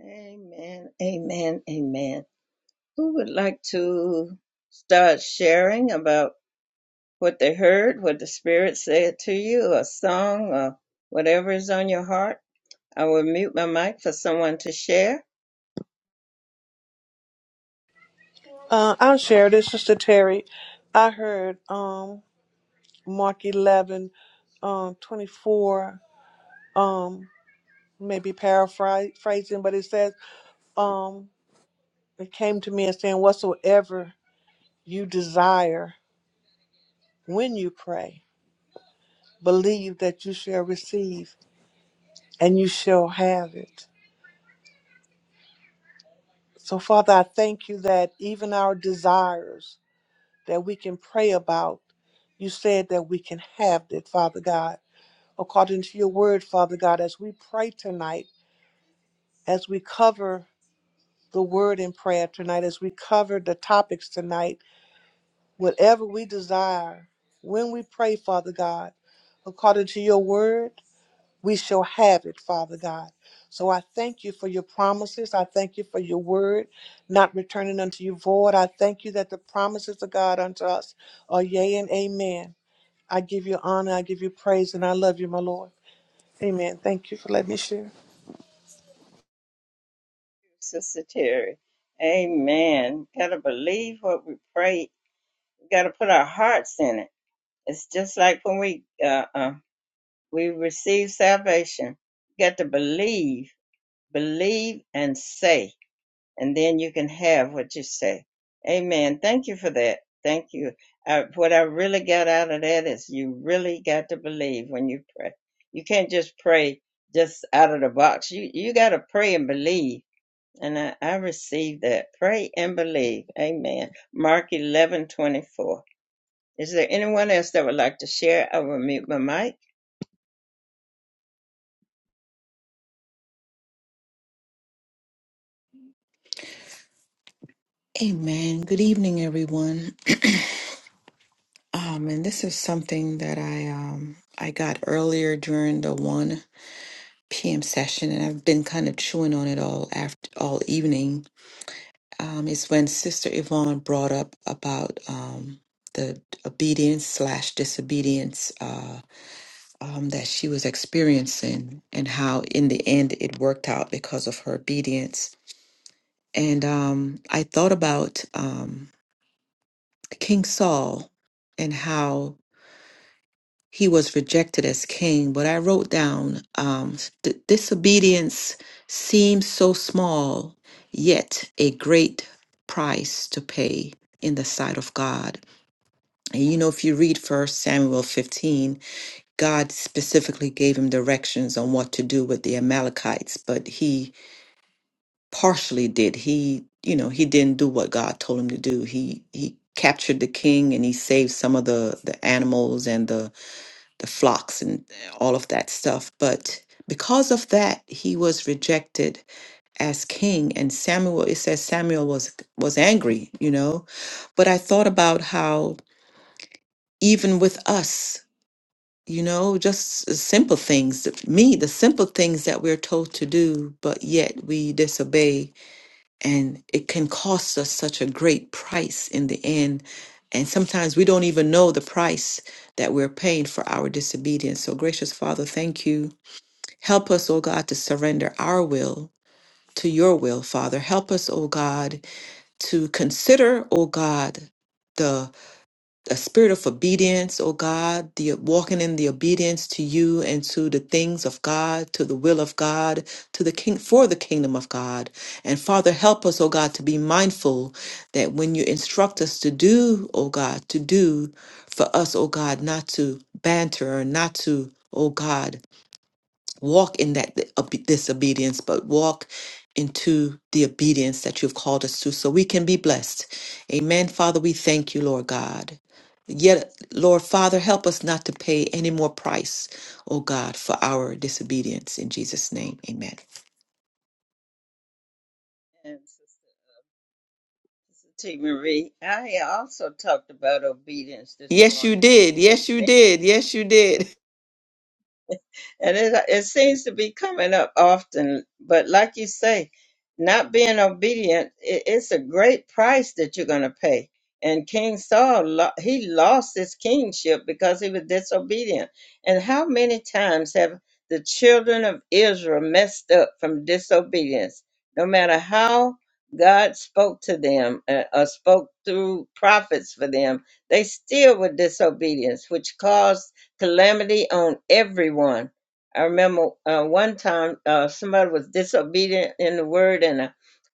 Speaker 1: Amen, amen, amen. Who would like to start sharing about what they heard, what the Spirit said to you, a song, or whatever is on your heart? I will mute my mic for someone to share.
Speaker 3: Uh, I'll share this, is Sister Terry. I heard. Um. Mark 11, um, 24, um, maybe paraphrasing, but it says, um, it came to me and saying, whatsoever you desire when you pray, believe that you shall receive and you shall have it. So, Father, I thank you that even our desires that we can pray about, you said that we can have it, Father God. According to your word, Father God, as we pray tonight, as we cover the word in prayer tonight as we cover the topics tonight. Whatever we desire, when we pray, Father God, according to your word, we shall have it, Father God. So I thank you for your promises. I thank you for your word not returning unto you void. I thank you that the promises of God unto us are yea and amen. I give you honor, I give you praise, and I love you, my Lord. Amen. Thank you for letting me share.
Speaker 1: Sister Terry. Amen. Gotta believe what we pray. Gotta put our hearts in it. It's just like when we uh, uh we receive salvation. You got to believe, believe and say, and then you can have what you say. Amen. Thank you for that. Thank you. I, what I really got out of that is you really got to believe when you pray. You can't just pray just out of the box. You you got to pray and believe and I, I receive that. Pray and believe. Amen. Mark eleven twenty four. Is there anyone else that would like to share? I will mute my mic.
Speaker 2: Amen. Good evening, everyone. Um, and this is something that I um I got earlier during the one p.m. session, and I've been kind of chewing on it all after all evening um, is when Sister Yvonne brought up about um, the obedience slash disobedience uh, um, that she was experiencing and how in the end it worked out because of her obedience. And um, I thought about um, King Saul and how he was rejected as king. But I wrote down um, "D- disobedience seems so small, yet a great price to pay in the sight of God. And you know, if you read First Samuel 15, God specifically gave him directions on what to do with the Amalekites, but he partially did. He, you know, he didn't do what God told him to do. He he captured the king and he saved some of the the animals and the the flocks and all of that stuff. But because of that, he was rejected as king. And Samuel, it says Samuel was was angry, you know. But I thought about how even with us, you know, just s- simple things, that- me, the simple things that we're told to do, but yet we disobey, and it can cost us such a great price in the end. And sometimes we don't even know the price that we're paying for our disobedience. So, gracious Father, thank you Help us, O God, to surrender our will to your will, Father. Help us, O God, to consider, O God, the, the spirit of obedience, O God, the walking in the obedience to you and to the things of God, to the will of God, to the king for the kingdom of God. And Father, help us, O God, to be mindful that when you instruct us to do, O God, to do for us, O God, not to banter, not to, O God, walk in that obe- disobedience, but walk into the obedience that you've called us to so we can be blessed. Amen. Father, we thank you, Lord God. Yet, Lord Father, help us not to pay any more price, oh God, for our disobedience. In Jesus' name, amen.
Speaker 1: And Sister T. Marie, I also talked about obedience this
Speaker 2: Yes, you
Speaker 1: morning.
Speaker 2: did.
Speaker 1: and it
Speaker 2: Yes,
Speaker 1: said
Speaker 2: you did. Yes, you did.
Speaker 1: and it it seems to be coming up often. But like you say, not being obedient, it, it's a great price that you're going to pay. And King Saul, lo- he lost his kingship because he was disobedient. And how many times have the children of Israel messed up from disobedience? No matter how God spoke to them uh, or spoke through prophets for them, they still were disobedience, which caused calamity on everyone I remember uh, one time uh, somebody was disobedient in the word, and uh,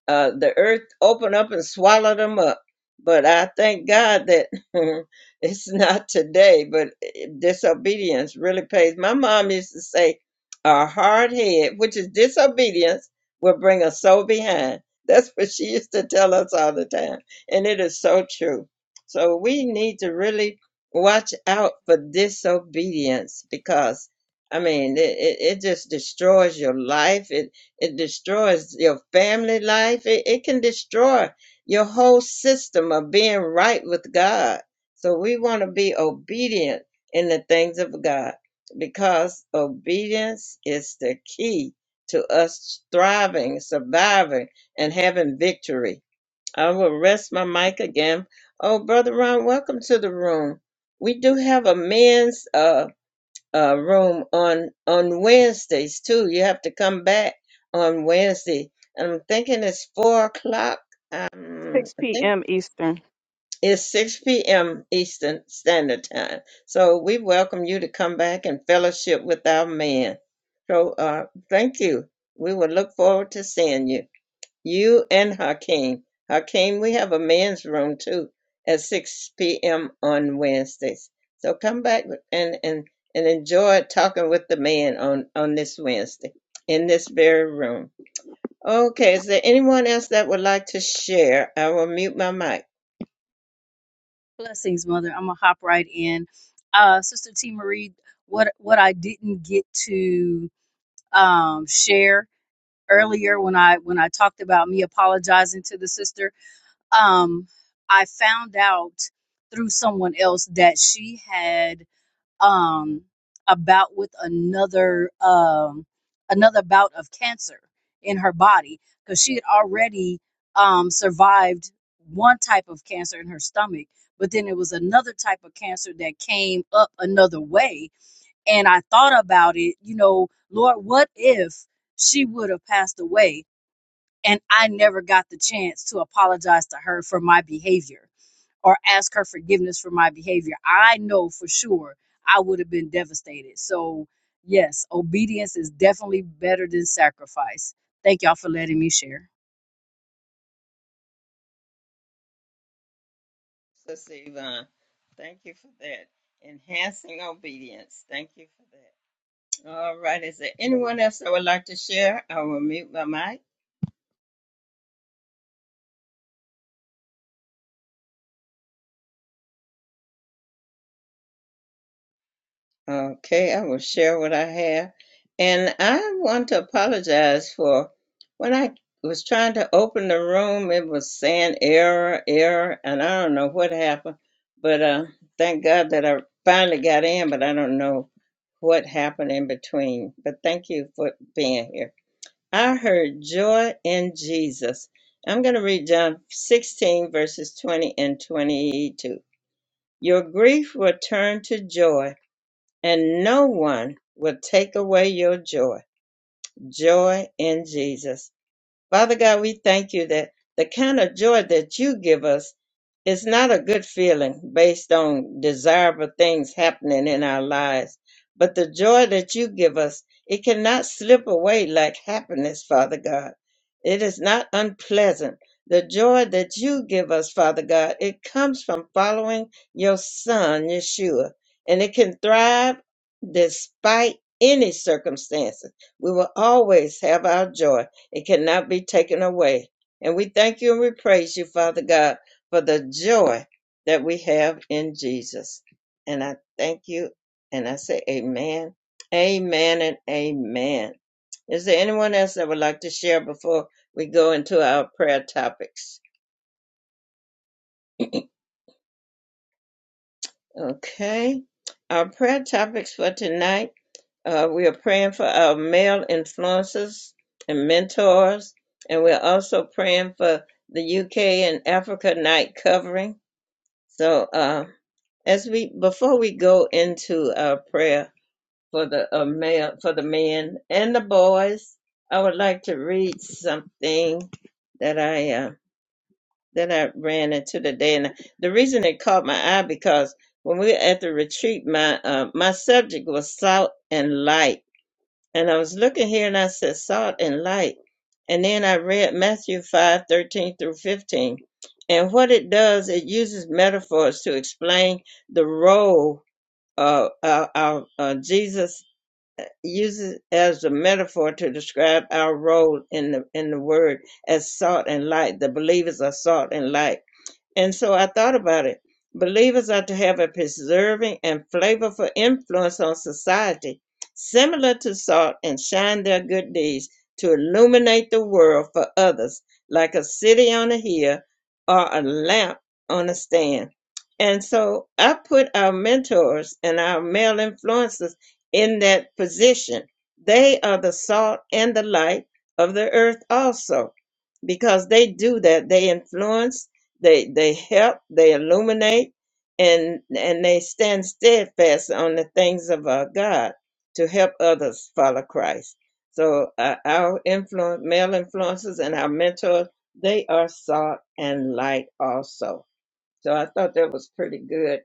Speaker 1: uh, the earth opened up and swallowed them up. But I thank God that it's not today. But eh, disobedience really pays. My mom used to say, "A hard head, which is disobedience, will bring a soul behind." That's what she used to tell us all the time, and it is so true. So we need to really watch out for disobedience because I mean, it, it, it just destroys your life. It it destroys your family life. It, it can destroy your whole system of being right with God. So we want to be obedient in the things of God because obedience is the key to us thriving, surviving, and having victory. I will rest my mic again. Oh, Brother Ron, welcome to the room. We do have a men's uh, uh, room on on Wednesdays too. You have to come back on Wednesday, and I'm thinking it's four o'clock. Um, I think it's six p.m. Eastern Standard Time. So we welcome you to come back and fellowship with our man. So uh, thank you. We will look forward to seeing you. You and Hakeem. Hakeem, we have a men's room too at 6 p.m. on Wednesdays. So come back and, and, and enjoy talking with the man on, on this Wednesday in this very room. Okay, is there anyone else that would like to share? I will mute my mic.
Speaker 4: Blessings, Mother. I'm gonna hop right in. Uh, Sister T Marie, what what I didn't get to um, share earlier when I when I talked about me apologizing to the sister, um, I found out through someone else that she had um, about with another um, another bout of cancer in her body because she had already um, survived one type of cancer in her stomach, but then it was another type of cancer that came up another way. And I thought about it, you know, Lord, what if she would have passed away and I never got the chance to apologize to her for my behavior? or ask her forgiveness for my behavior, I know for sure I would have been devastated. So, yes, obedience is definitely better than sacrifice. Thank y'all for letting me share.
Speaker 1: Sister Yvonne, thank you for that. Enhancing obedience. Thank you for that. All right, is there anyone else that would like to share? I will mute my mic. Okay, I will share what I have. And I want to apologize for when I was trying to open the room, it was saying error, error, and I don't know what happened. But uh, thank God that I finally got in, but I don't know what happened in between. But thank you for being here. I heard joy in Jesus. I'm going to read John 16, verses 20 and 22. Your grief will turn to joy and no one will take away your joy. Joy in Jesus. Father God, we thank you that the kind of joy that you give us is not a good feeling based on desirable things happening in our lives, but the joy that you give us, it cannot slip away like happiness, Father God. It is not unpleasant. The joy that you give us, Father God, it comes from following your Son, Yeshua, and it can thrive despite any circumstances. We will always have our joy it cannot be taken away. And we thank you and we praise you, Father God, for the joy that we have in Jesus. And I thank you and I say amen, amen, and amen. Is there anyone else that would like to share before we go into our prayer topics? Okay. Our prayer topics for tonight Uh, we are praying for our male influences and mentors, and we're also praying for the UK and Africa night covering. So, uh, as we before we go into our prayer for the uh, male for the men and the boys, I would like to read something that I uh, that I ran into today, and the reason it caught my eye because when we were at the retreat, my uh, my subject was salt and light and I was looking here and I said salt and light. And then I read Matthew 5 13 through 15. And what it does, it uses metaphors to explain the role uh, uh, uh, uh, Jesus uses as a metaphor to describe our role in the in the word as salt and light. The believers are salt and light. And so I thought about it. Believers are to have a preserving and flavorful influence on society, similar to salt, and shine their good deeds to illuminate the world for others, like a city on a hill or a lamp on a stand. And so I put our mentors and our male influencers in that position. They are the salt and the light of the earth, also, because they do that. They influence they they help, they illuminate, and and they stand steadfast on the things of our God to help others follow Christ. So uh, our influence, male influences, and our mentors, they are salt and light also. So I thought that was pretty good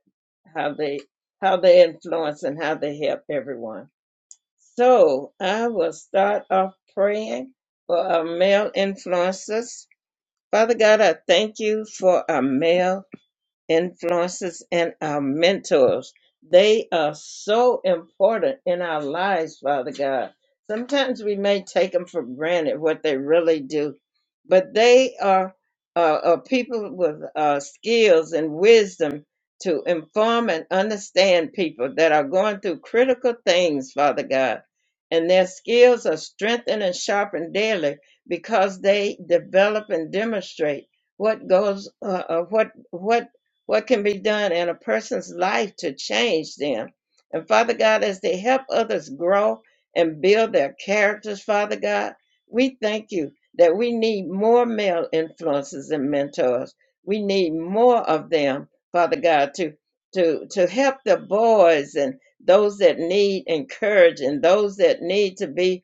Speaker 1: how they how they influence and how they help everyone. So I will start off praying for our male influences. Father God, I thank you for our male influences and our mentors. They are so important in our lives, Father God. Sometimes we may take them for granted what they really do, but they are, uh, are people with uh, skills and wisdom to inform and understand people that are going through critical things, Father God. And their skills are strengthened and sharpened daily because they develop and demonstrate what goes, uh, uh, what what what can be done in a person's life to change them. And Father God, as they help others grow and build their characters, Father God, we thank you that we need more male influences and mentors. We need more of them, Father God, to to to help the boys and those that need encouragement, those that need to be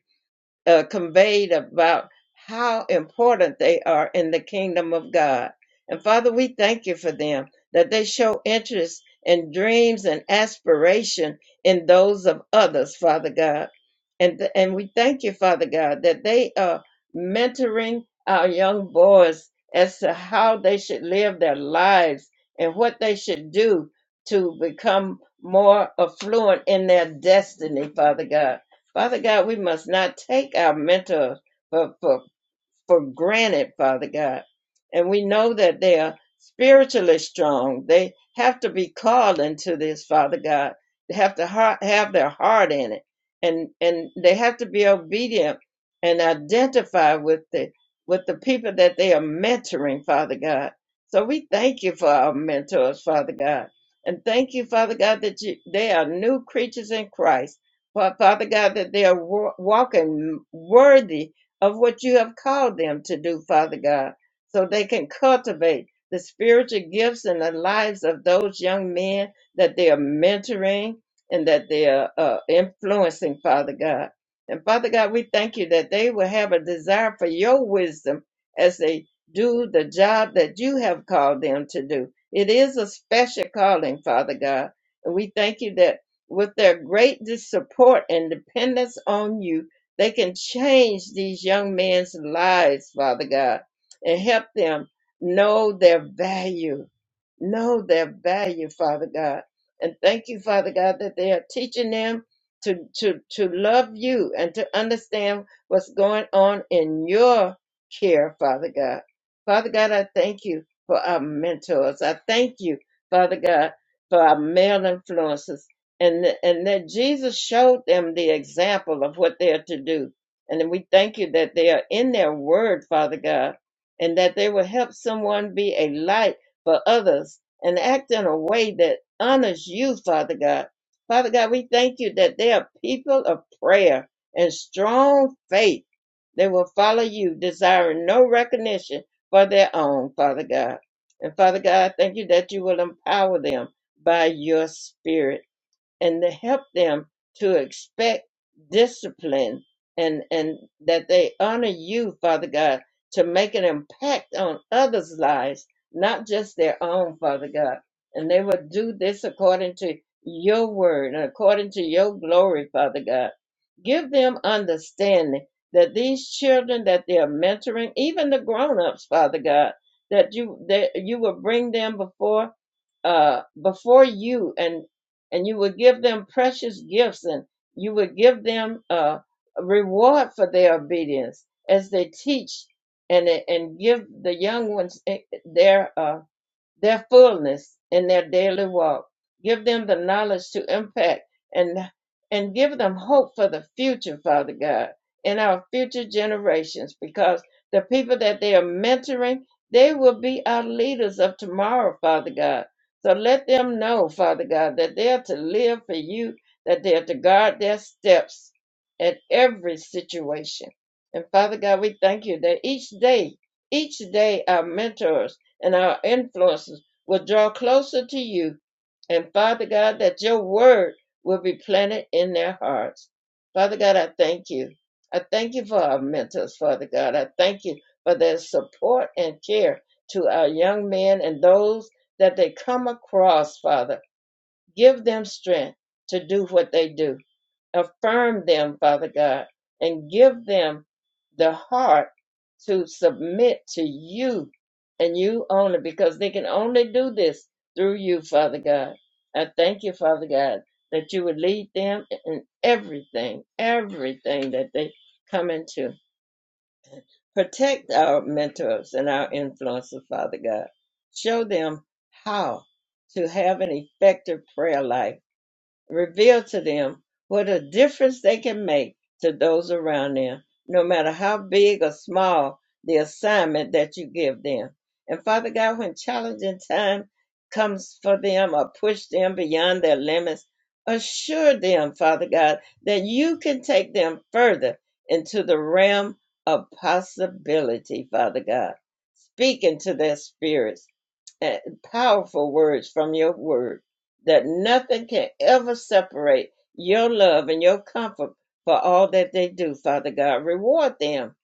Speaker 1: uh, conveyed about how important they are in the kingdom of God. And Father, we thank you for them that they show interest and dreams and aspiration in those of others, Father God. And, and we thank you, Father God, that they are mentoring our young boys as to how they should live their lives and what they should do to become more affluent in their destiny, Father God. Father God, we must not take our mental for, for for granted, Father God. And we know that they are spiritually strong. They have to be called into this, Father God. They have to ha- have their heart in it. And and they have to be obedient and identify with the with the people that they are mentoring, Father God. So we thank you for our mentors, Father God. And thank you, Father God, that you, they are new creatures in Christ. Fa- Father God, that they are wa- walking worthy of what you have called them to do, Father God, so they can cultivate the spiritual gifts in the lives of those young men that they are mentoring and that they are uh, influencing, Father God. And Father God, we thank you that they will have a desire for your wisdom as they do the job that you have called them to do. It is a special calling, Father God. And we thank you that with their great dis- support and dependence on you, they can change these young men's lives, Father God, and help them know their value. Know their value, Father God. And thank you, Father God, that they are teaching them to, to, to love you and to understand what's going on in your care, Father God. Father God, I thank you for our mentors. I thank you, Father God, for our male influences and and that Jesus showed them the example of what they're to do. And then we thank you that they are in their word, Father God, and that they will help someone be a light for others and act in a way that honors you, Father God. Father God, we thank you that they are people of prayer and strong faith. They will follow you, desiring no recognition for their own, Father God. And Father God, I thank you that you will empower them by your spirit and to help them to expect discipline and and that they honor you father god to make an impact on others lives not just their own father god and they will do this according to your word and according to your glory father god give them understanding that these children that they are mentoring even the grown-ups father god that you that you will bring them before uh before you and and you would give them precious gifts and you would give them uh, a reward for their obedience as they teach and, and give the young ones eh, their uh, their fullness in their daily walk. Give them the knowledge to impact and and give them hope for the future, Father God, in our future generations, because the people that they are mentoring, they will be our leaders of tomorrow, Father God. So let them know, Father God, that they are to live for you, that they are to guard their steps at every situation. And Father God, we thank you that each day, each day our mentors and our influences will draw closer to you. And Father God, that your word will be planted in their hearts. Father God, I thank you. I thank you for our mentors, Father God. I thank you for their support and care to our young men and those that they come across, Father. Give them strength to do what they do. Affirm them, Father God, and give them the heart to submit to you and you only, because they can only do this through you, Father God. I thank you, Father God, that you would lead them in everything, everything that they come into. Protect our mentors and our influencers, Father God. Show them how to have an effective prayer life reveal to them what a difference they can make to those around them, no matter how big or small the assignment that you give them. And Father God, when challenging time comes for them or push them beyond their limits, assure them, Father God, that you can take them further into the realm of possibility, Father God, speaking to their spirits and powerful words from your word that nothing can ever separate your love and your comfort for all that they do, Father God. Reward them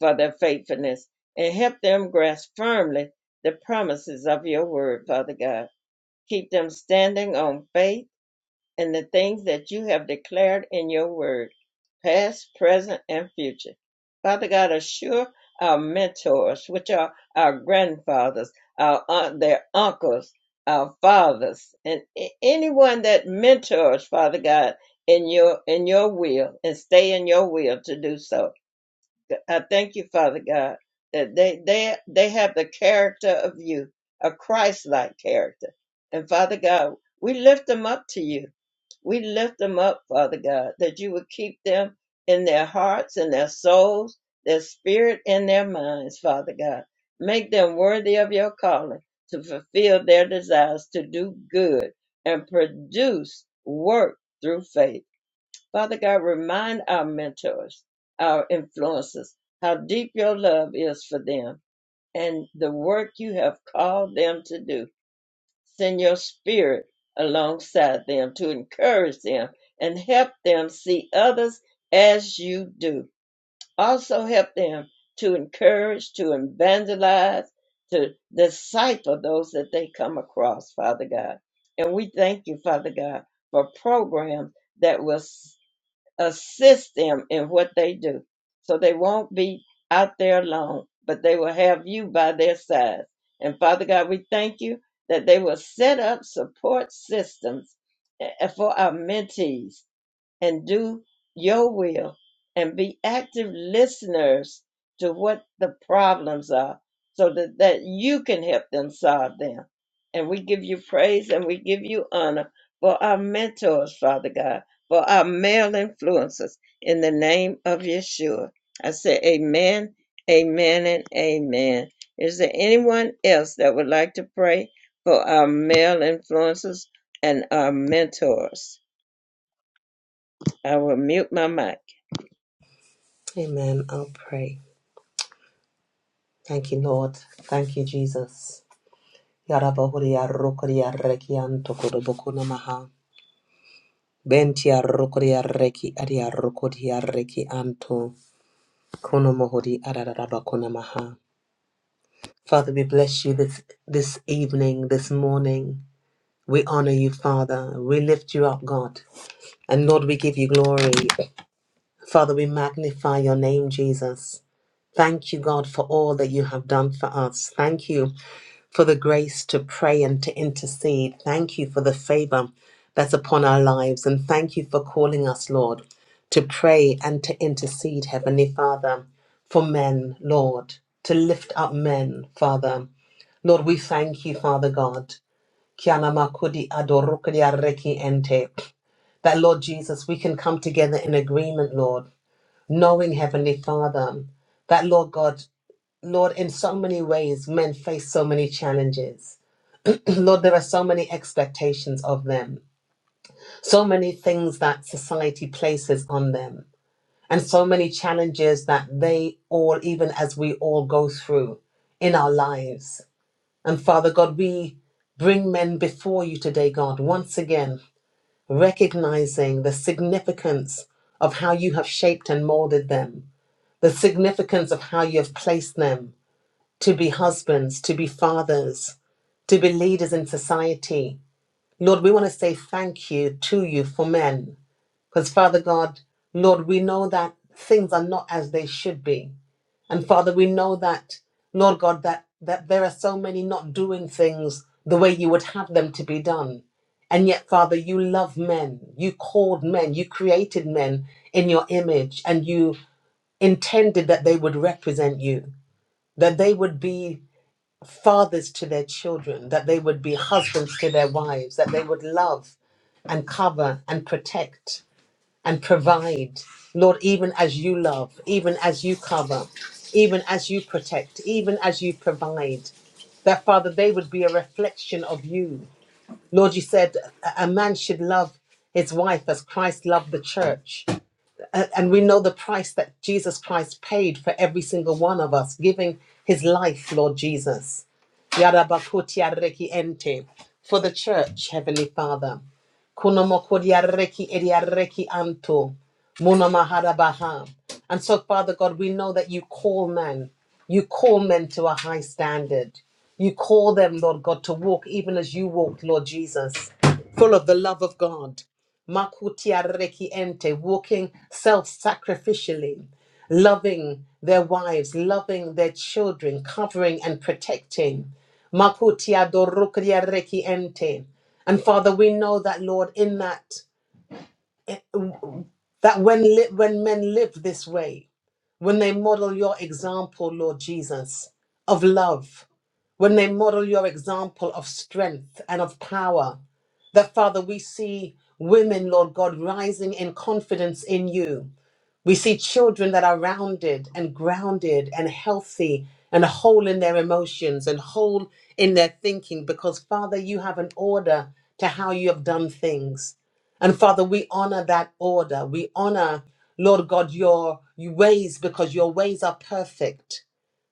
Speaker 1: for their faithfulness and help them grasp firmly the promises of your word, Father God. Keep them standing on faith and the things that you have declared in your word, past, present, and future. Father God, assure our mentors, which are our grandfathers, our aunt, their uncles, our fathers, and anyone that mentors, Father God, in your in your will and stay in your will to do so. I thank you, Father God, that they they they have the character of you, a Christ-like character. And Father God, we lift them up to you we lift them up, Father God, that you would keep them in their hearts and their souls, their spirit and their minds, Father God. Make them worthy of your calling to fulfill their desires to do good and produce work through faith. Father God, remind our mentors, our influences, how deep your love is for them and the work you have called them to do. Send your spirit alongside them to encourage them and help them see others as you do. Also, help them to encourage, to evangelize, to disciple those that they come across, Father God. And we thank you, Father God, for programs that will assist them in what they do. So they won't be out there alone, but they will have you by their side. And Father God, we thank you that they will set up support systems eh, for our mentees and do your will and be active listeners to what the problems are so that, that you can help them solve them. And we give you praise and we give you honor for our mentors, Father God, for our male influences in the name of Yeshua. I say amen, amen, and amen. Is there anyone else that would like to pray for our male influences and our mentors? I will mute my mic.
Speaker 5: Amen. I'll pray. Thank you, Lord. Thank you, Jesus. Yarabahuria rokoria reki antokodoboku namaha. Bentia rokoria reki adia rokoria reki anto. Konomohori arararabako namaha. Father, we bless you this, this evening, this morning. We honor you, Father. We lift you up, God. And Lord, we give you glory. Father, we magnify your name, Jesus. Thank you, God, for all that you have done for us. Thank you for the grace to pray and to intercede. Thank you for the favor that's upon our lives. And thank you for calling us, Lord, to pray and to intercede, Heavenly Father, for men, Lord, to lift up men, Father. Lord, we thank you, Father God. Kiana makudi adorukudi areki ente. That, Lord Jesus, we can come together in agreement, Lord, knowing, Heavenly Father, that, Lord God, Lord, in so many ways, men face so many challenges. Lord, there are so many expectations of them, so many things that society places on them, and so many challenges that they all, even as we all go through in our lives. And Father God, we bring men before you today, God, once again, recognizing the significance of how you have shaped and molded them, the significance of how you have placed them to be husbands, to be fathers, to be leaders in society Lord, we want to say thank you to you for men. Because, Father God, Lord, we know that things are not as they should be. And, Father, we know that, Lord God, that, that there are so many not doing things the way you would have them to be done. And yet, Father, you love men. You called men. You created men in your image. And you intended that they would represent you, that they would be fathers to their children, that they would be husbands to their wives, that they would love and cover and protect and provide. Lord, even as you love, even as you cover, even as you protect, even as you provide, that Father, they would be a reflection of you. Lord, you said a a man should love his wife as Christ loved the church. A- And we know the price that Jesus Christ paid for every single one of us, giving his life, Lord Jesus. Yarabakutiareki ente. For the church, Heavenly Father. Kunomokodiareki ediareki anto. Munomaharabaha. And so, Father God, we know that you call men. You call men to a high standard. You call them, Lord God, to walk even as you walked, Lord Jesus, full of the love of God. Makutiareki ente, walking self sacrificially, loving their wives, loving their children, covering and protecting. Makutia dorukria reki ente. And Father, we know that, Lord, in that, eh, that when, li- when men live this way, when they model your example, Lord Jesus, of love, when they model your example of strength and of power, that Father, we see women, Lord God, rising in confidence in you. We see children that are rounded and grounded and healthy and whole in their emotions and whole in their thinking because, Father, you have an order to how you have done things. And Father, we honor that order. We honor, Lord God, your your ways because your ways are perfect.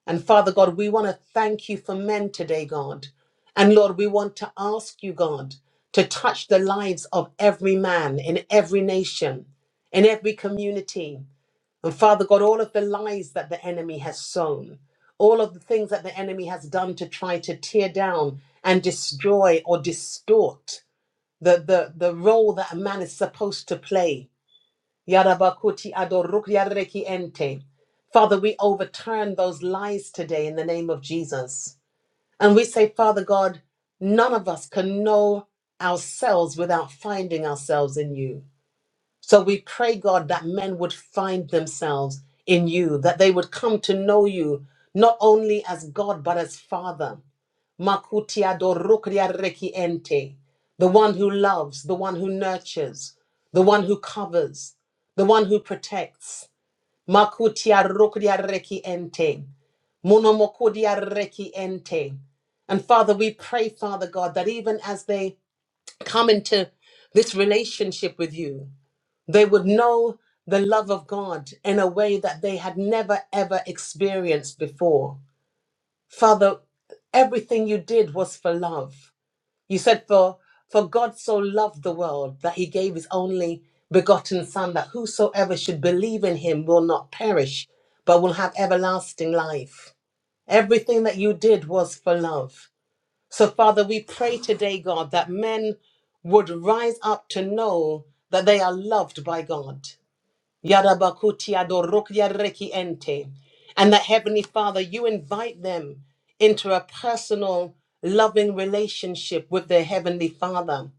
Speaker 5: And Father God, we want to thank you for men today, God. And Lord, we want to ask you, God, to touch the lives of every man in every nation, in every community. And Father God, all of the lies that the enemy has sown, all of the things that the enemy has done to try to tear down and destroy or distort the, the, the role that a man is supposed to play. Yarabakuti adoruk yarreki ente. Father, we overturn those lies today in the name of Jesus. And we say, Father God, none of us can know ourselves without finding ourselves in you. So we pray, God, that men would find themselves in you, that they would come to know you not only as God, but as Father. Makutiado rukria reki ente, The one who loves, the one who nurtures, the one who covers, the one who protects. Makutia rukria reki ente, monomokudia reki ente. And Father, we pray, Father God, that even as they come into this relationship with you, they would know the love of God in a way that they had never ever experienced before. Father, everything you did was for love. You said, For for God so loved the world that he gave his only begotten Son, that whosoever should believe in him will not perish, but will have everlasting life. Everything that you did was for love. So, Father, we pray today, God, that men would rise up to know that they are loved by God Yarabakutia dorokria reki ente. And that Heavenly Father, you invite them into a personal, loving relationship with their Heavenly Father.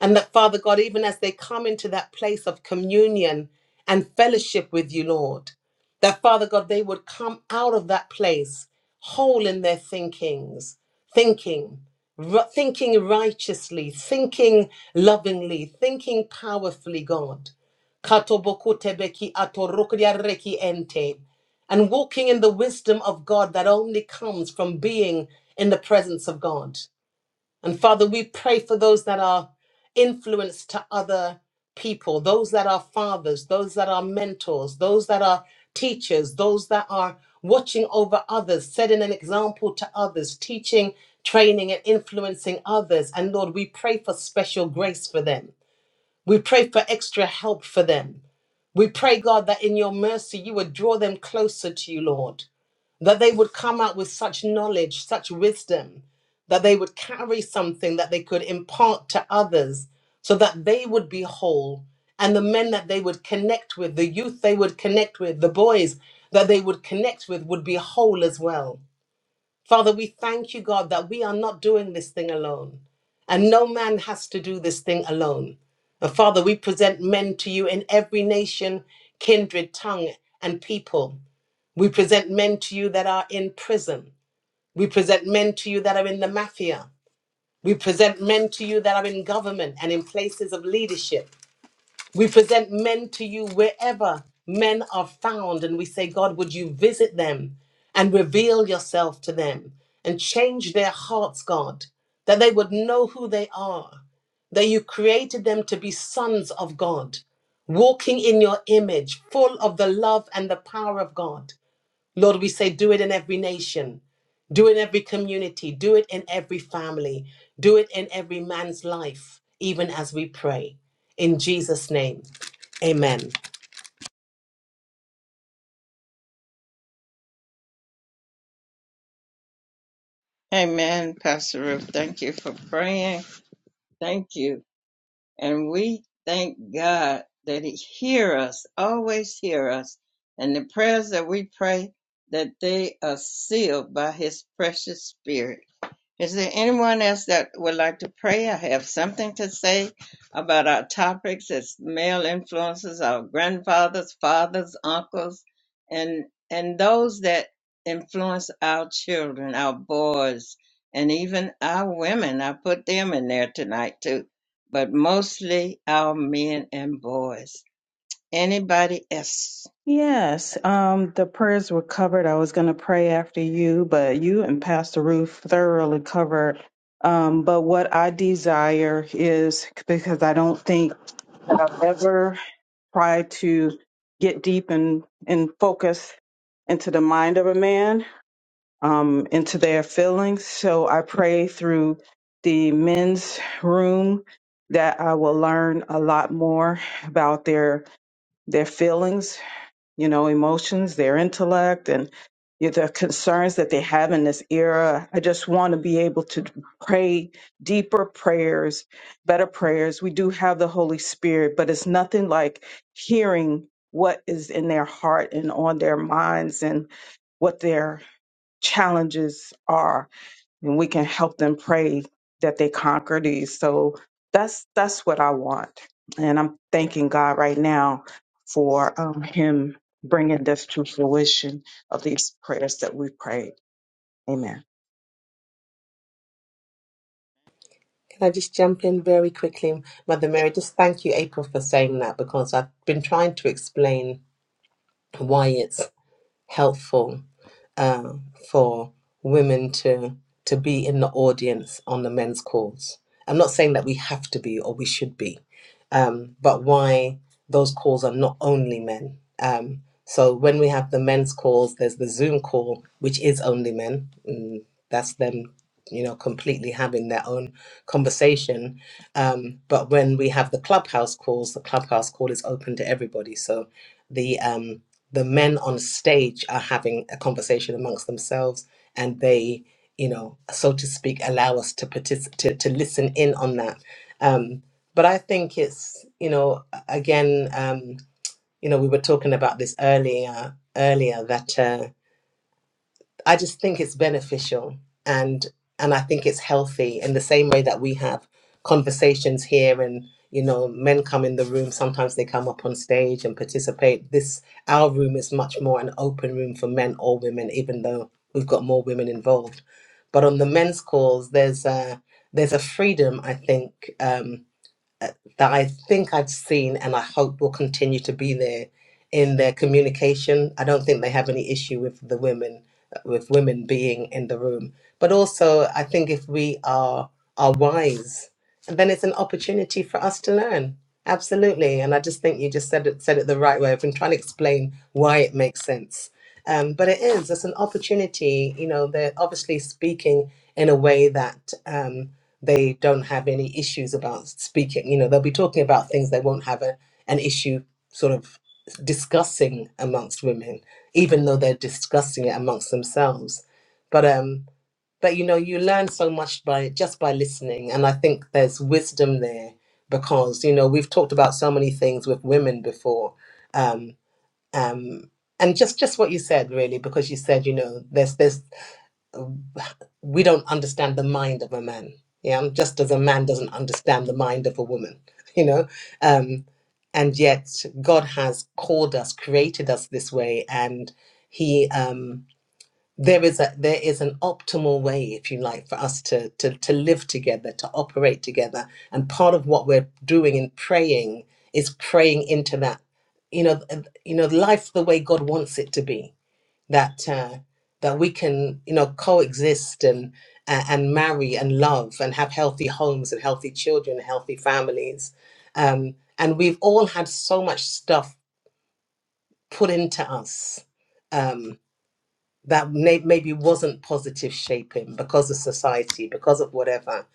Speaker 5: And that, Father God, even as they come into that place of communion and fellowship with you, Lord, that, Father God, they would come out of that place whole in their thinkings, thinking, ri- thinking righteously, thinking lovingly, thinking powerfully, God. Katobokutebeki atorokriareki ente. And walking in the wisdom of God that only comes from being in the presence of God. And Father, we pray for those that are influence to other people, those that are fathers, those that are mentors, those that are teachers, those that are watching over others, setting an example to others, teaching, training, and influencing others. And Lord, we pray for special grace for them. We pray for extra help for them. We pray, God, that in your mercy you would draw them closer to you, Lord, that they would come out with such knowledge, such wisdom, that they would carry something that they could impart to others so that they would be whole. And the men that they would connect with, the youth they would connect with, the boys that they would connect with would be whole as well. Father, we thank you, God, that we are not doing this thing alone. And no man has to do this thing alone. But Father, we present men to you in every nation, kindred, tongue, and people. We present men to you that are in prison. We present men to you that are in the mafia. We present men to you that are in government and in places of leadership. We present men to you wherever men are found, and we say, God, would you visit them and reveal yourself to them and change their hearts, God, that they would know who they are, that you created them to be sons of God, walking in your image, full of the love and the power of God. Lord, we say, do it in every nation, do it in every community, do it in every family, do it in every man's life, even as we pray. In Jesus' name, amen.
Speaker 1: Amen, Pastor Ruth. Thank you for praying. Thank you. And we thank God that He hear us, always hear us. And the prayers that we pray, that they are sealed by His precious Spirit. Is there anyone else that would like to pray? I have something to say about our topics. It's male influences, our grandfathers, fathers, uncles, and and those that influence our children, our boys, and even our women. I put them in there tonight too, but mostly our men and boys. Anybody else?
Speaker 6: Um, but what I desire is because I don't think that I've ever tried to get deep and, and focus into the mind of a man, um, into their feelings. So I pray through the men's room that I will learn a lot more about their their feelings you know, emotions, their intellect, and you know, the concerns that they have in this era. I just want to be able to pray deeper prayers, better prayers. We do have the Holy Spirit, but it's nothing like hearing what is in their heart and on their minds and what their challenges are and we can help them pray that they conquer these. So that's that's what I want, and I'm thanking God right now for um, Him bringing this to fruition of these prayers that we prayed. Amen.
Speaker 5: Can I just jump in very quickly, Mother
Speaker 1: Yeah,
Speaker 5: Mary? Just thank you, April, for saying that because I've been trying to explain why it's helpful uh, for women to to be in the audience on the men's calls. I'm not saying that we have to be or we should be, um, but why those calls are not only men. Um, so when we have the men's calls, there's the Zoom call, which is only men. And that's them, you know, completely having their own conversation. Um, but when we have the clubhouse calls, the clubhouse call is open to everybody. So the um the men on stage are having a conversation amongst themselves and they you know so to speak allow us to participate to, to listen in on that um but i think it's you know again um you know we were talking about this earlier earlier that uh I just think it's beneficial and and I think it's healthy in the same way that we have conversations here and you know men come in the room sometimes they come up on stage and participate this our room is much more an open room for men or women even though we've got more women involved but on the men's calls there's a there's a freedom I think um, uh, that I think I've seen and I hope will continue to be there in their communication. I don't think they have any issue with the women uh, with women being in the room. But also I think if we are are wise, then it's an opportunity for us to learn. Absolutely. And I just think you just said it said it the right way. I've been trying to explain why it makes sense. Um, but it is, it's an opportunity, you know, they're obviously speaking in a way that um, they don't have any issues about speaking. You know, they'll be talking about things they won't have a, an issue sort of discussing amongst women, even though they're discussing it amongst themselves. But um, but you know, you learn so much by just by listening, and I think there's wisdom there because you know we've talked about so many things with women before. Um, um, and just just what you said really because you said you know there's there's we don't understand the mind of a man. Yeah, just as a man doesn't understand the mind of a woman, you know. Um, and yet God has called us, created us this way, and He um, there is a there is an optimal way, if you like, for us to to to live together, to operate together. And part of what we're doing in praying is praying into that, you know, th- you know, life the way God wants it to be that uh, that we can you know coexist and uh, and marry and love and have healthy homes and healthy children and healthy families um, and we've all had so much stuff put into us um, that may- maybe wasn't positive shaping because of society because of whatever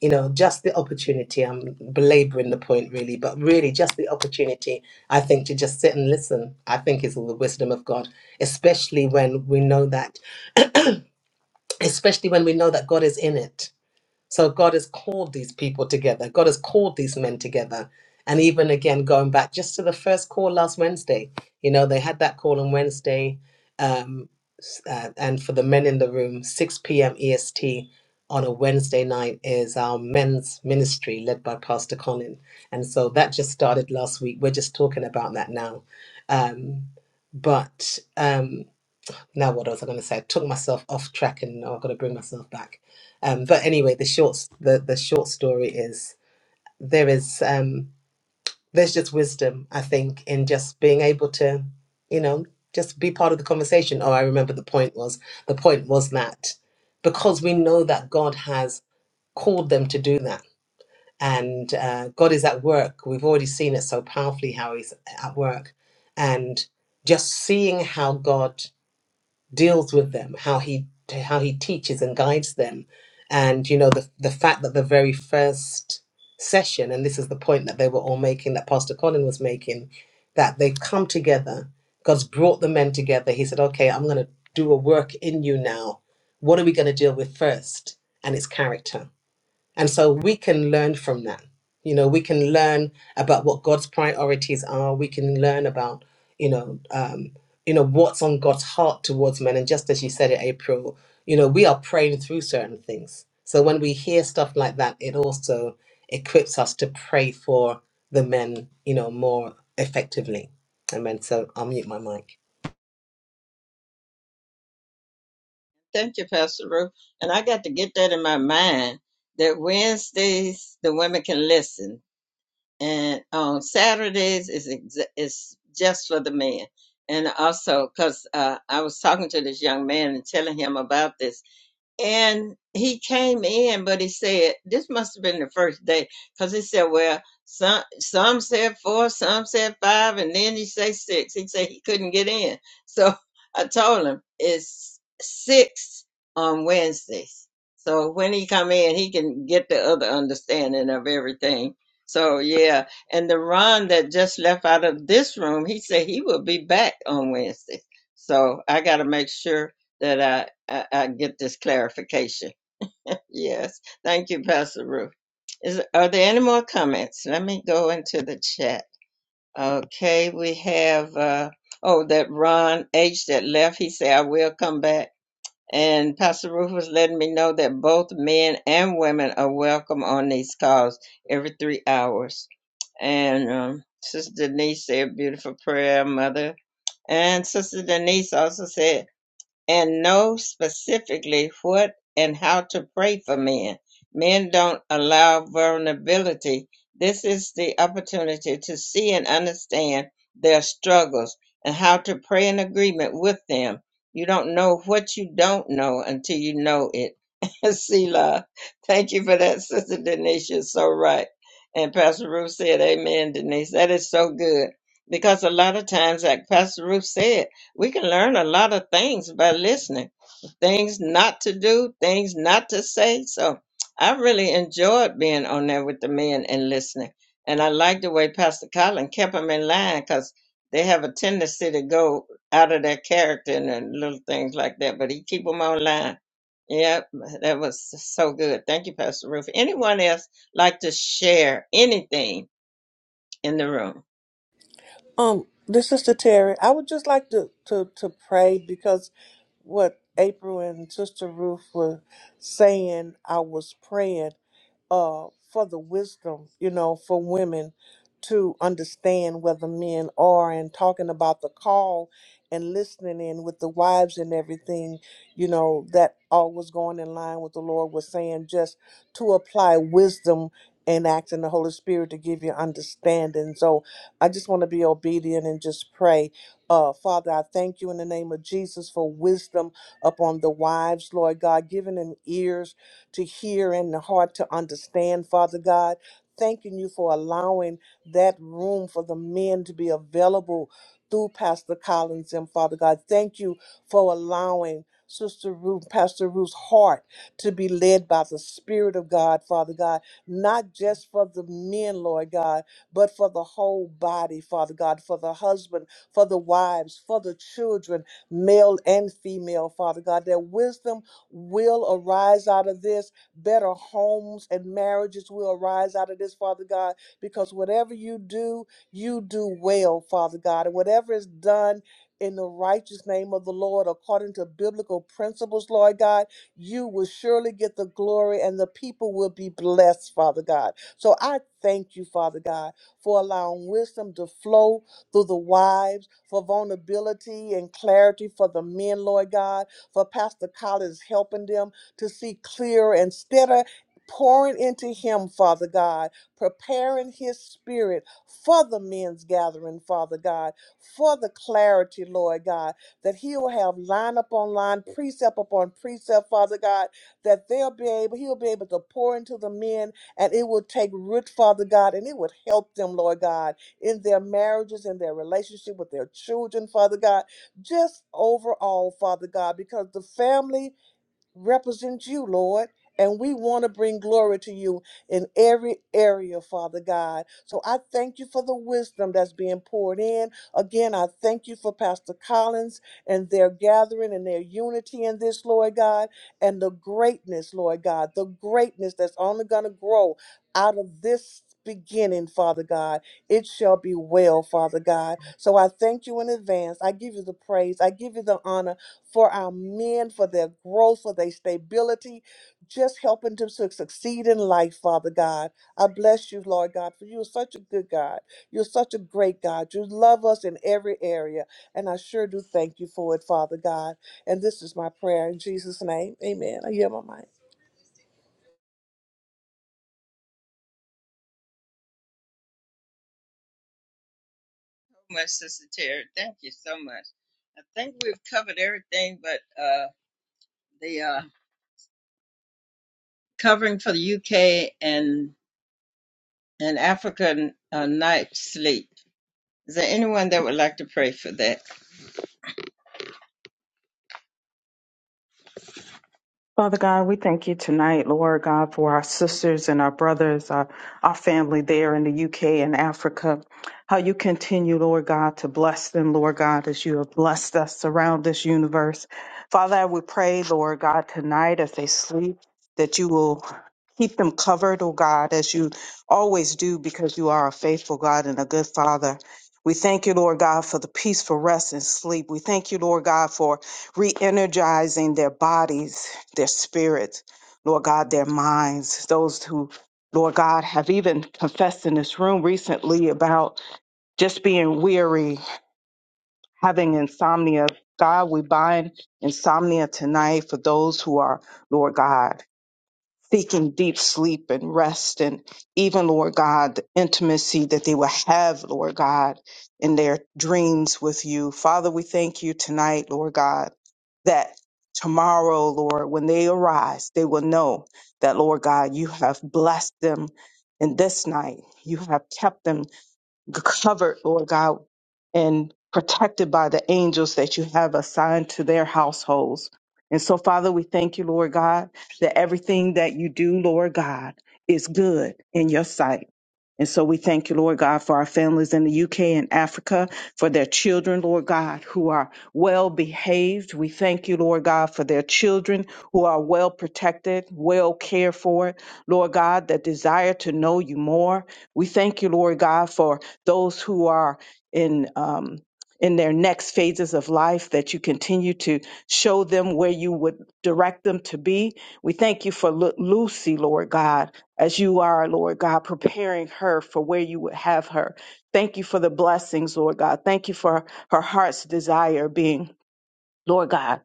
Speaker 5: you know just the opportunity i'm belaboring the point really but really just the opportunity i think to just sit and listen i think is all the wisdom of god especially when we know that especially when we know that God is in it. So God has called these people together. God has called these men together. And even again, going back just to the first call last Wednesday, you know, they had that call on Wednesday. Um, s- uh, and for the men in the room, 6 p.m. EST on a Wednesday night is our men's ministry led by Pastor Colin. And so that just started last week. We're just talking about that now. Um, but. Um, now what was I going to say? I took myself off track, and now I've got to bring myself back. Um, but anyway, the short the the short story is there is um, there's just wisdom I think in just being able to, you know, just be part of the conversation. Oh, I remember the point was the point was that because we know that God has called them to do that, and uh, God is at work. We've already seen it so powerfully how He's at work, and just seeing how God deals with them, how he how he teaches and guides them, and you know the the fact that the very first session, and this is the point that they were all making, that Pastor Colin was making, that they've come together. God's brought the men together. He said, "Okay, I'm going to do a work in you now. What are we going to deal with first? And it's character and so we can learn from that. You know, we can learn about what God's priorities are. We can learn about, you know, um, you know what's on God's heart towards men. And just as you said it, April, you know, we are praying through certain things. So when we hear stuff like that, it also equips us to pray for the men, you know, more effectively. Amen. So I'll mute my mic.
Speaker 1: thank you, Pastor Ruth. And I got to get that in my mind that Wednesdays the women can listen and on Saturdays is ex- is just for the men. And also, because uh, I was talking to this young man and telling him about this, and he came in, but he said, this must have been the first day, because he said, well, some some said four, some said five, and then he said six. He said he couldn't get in. So I told him it's six on Wednesdays. So when he come in, he can get the other understanding of everything. So yeah, and the Ron that just left out of this room, he said he will be back on Wednesday. So I got to make sure that I, I, I get this clarification. Yes. Thank you, Pastor Ruth. Is, are there any more comments? Let me go into the chat. Okay, we have, uh, oh, that Ron H. that left, he said, I will come back. And Pastor Ruth was letting me know that both men and women are welcome on these calls every three hours. And um, Sister Denise said, beautiful prayer, Mother. And Sister Denise also said, and know specifically what and how to pray for men. Men don't allow vulnerability. This is the opportunity to see and understand their struggles and how to pray in agreement with them. You don't know what you don't know until you know it. Selah, thank you for that, Sister Denise. You're so right. And Pastor Ruth said, Amen, Denise. That is so good. Because a lot of times, like Pastor Ruth said, we can learn a lot of things by listening things not to do things not to say so i really enjoyed being on there with the men and listening and i like the way pastor colin kept them in line because they have a tendency to go out of their character and then little things like that but he keep them on line yep that was so good thank you pastor ruth anyone else like to share anything in the room
Speaker 3: Um, this is Sister Terry. I would just like to, to, to pray because what April and Sister Ruth were saying, I was praying uh, for the wisdom, you know, for women to understand where the men are and talking about the call and listening in with the wives and everything, you know, that all was going in line with the Lord was saying just to apply wisdom and act in the Holy Spirit to give you understanding. So I just want to be obedient and just pray. Uh, Father, I thank you in the name of Jesus for wisdom upon the wives, Lord God, giving them ears to hear and the heart to understand, Father God. Thanking you for allowing that room for the men to be available through Pastor Collins and Father God. Thank you for allowing Sister Ruth, Pastor Ruth's heart to be led by the Spirit of God, Father God, not just for the men, Lord God, but for the whole body, Father God, for the husband, for the wives, for the children, male and female, Father God. Their wisdom will arise out of this. Better homes and marriages will arise out of this, Father God, because whatever you do, you do well, Father God. And whatever is done in the righteous name of the Lord, according to biblical principles, Lord God, you will surely get the glory and the people will be blessed, Father God. So I thank you, Father God, for allowing wisdom to flow through the wives, for vulnerability and clarity for the men, Lord God for Pastor Collins helping them to see clearer and steadier. Pouring into him, Father God, preparing his spirit for the men's gathering, Father God, for the clarity, Lord God, that he'll have line upon line, precept upon precept, Father God, that they'll be able, he'll be able to pour into the men and it will take root, Father God, and it would help them, Lord God, in their marriages, in their relationship with their children, Father God just overall, Father God, because the family represent you, Lord. And we want to bring glory to you in every area, Father God. So I thank you for the wisdom that's being poured in. Again, I thank you for Pastor Collins and their gathering and their unity in this, Lord God, and the greatness, Lord God, the greatness that's only going to grow out of this beginning, Father God. It shall be well, Father God. So I thank you in advance. I give you the praise. I give you the honor for our men, for their growth, for their stability, just helping them to succeed in life, Father God. I bless you, Lord God, for you are such a good God. You're such a great God. You love us in every area, and I sure do thank you for it, Father God. And this is my prayer in Jesus' name. Amen. I yield my mind.
Speaker 1: much, Sister Terry. Thank you so much. I think we've covered everything but uh, the uh, covering for the UK and and African uh, night sleep. Is there anyone that would like to pray for that?
Speaker 6: Father God, we thank you tonight, Lord God, for our sisters and our brothers, our, our family there in the UK and Africa. How you continue, Lord God, to bless them, Lord God, as you have blessed us around this universe. Father, I would pray, Lord God, tonight as they sleep, that you will keep them covered, oh God, as you always do, because you are a faithful God and a good Father. We thank you, Lord God, for the peaceful rest and sleep. We thank you, Lord God, for re energizing their bodies their spirit, Lord God, their minds, those who, Lord God, have even confessed in this room recently about just being weary, having insomnia. God, we bind insomnia tonight for those who are, Lord God seeking deep sleep and rest and even lord god the intimacy that they will have lord god in their dreams with you father we thank you tonight lord god that tomorrow lord when they arise they will know that lord god you have blessed them in this night you have kept them covered, Lord God, and protected by the angels that you have assigned to their households. And so, Father, we thank you, Lord God, that everything that you do, Lord God, is good in your sight. And so we thank you, Lord God, for our families in the UK and Africa, for their children, Lord God, who are well behaved. We thank you, Lord God, for their children who are well protected, well cared for. Lord God, that desire to know you more. We thank you, Lord God, for those who are in um, in their next phases of life that you continue to show them where you would direct them to be. We thank you for Lu- Lucy, Lord God, as you are, Lord God, preparing her for where you would have her. Thank you for the blessings, Lord God. Thank you for her heart's desire being, Lord God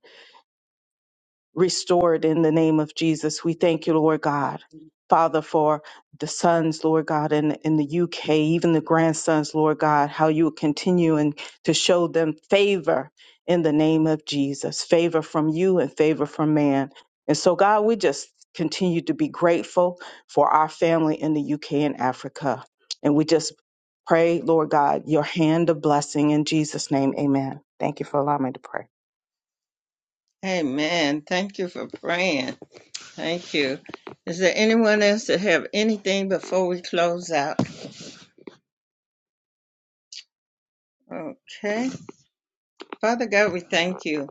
Speaker 6: restored in the name of Jesus. We thank you, Lord God. Father, for the sons, Lord God, in, in the UK, even the grandsons, Lord God, how you continue and to show them favor in the name of Jesus, favor from you and favor from man. And so, God, we just continue to be grateful for our family in the UK and Africa. And we just pray, Lord God, your hand of blessing in Jesus' name. Amen. Thank you for allowing me to pray.
Speaker 1: Amen. Thank you for praying. Thank you. Is there anyone else that have anything before we close out? Okay. Father God, we thank you.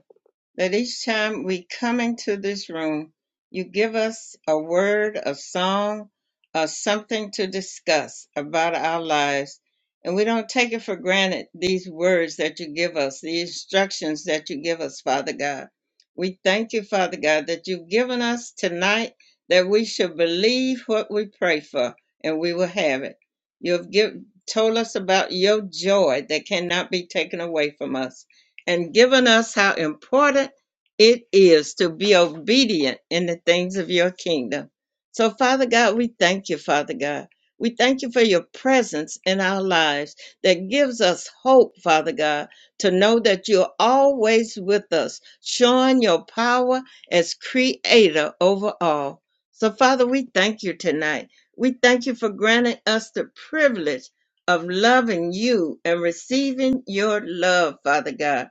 Speaker 1: that each time we come into this room, you give us a word, a song, or something to discuss about our lives. And we don't take it for granted, these words that you give us, the instructions that you give us, Father God. We thank you, Father God, that you've given us tonight that we should believe what we pray for and we will have it. You have give, told us about your joy that cannot be taken away from us and given us how important it is to be obedient in the things of your kingdom. So, Father God, we thank you, Father God. We thank you for your presence in our lives that gives us hope, Father God, to know that you're always with us, showing your power as creator over all. So, Father, we thank you tonight. We thank you for granting us the privilege of loving you and receiving your love, Father God.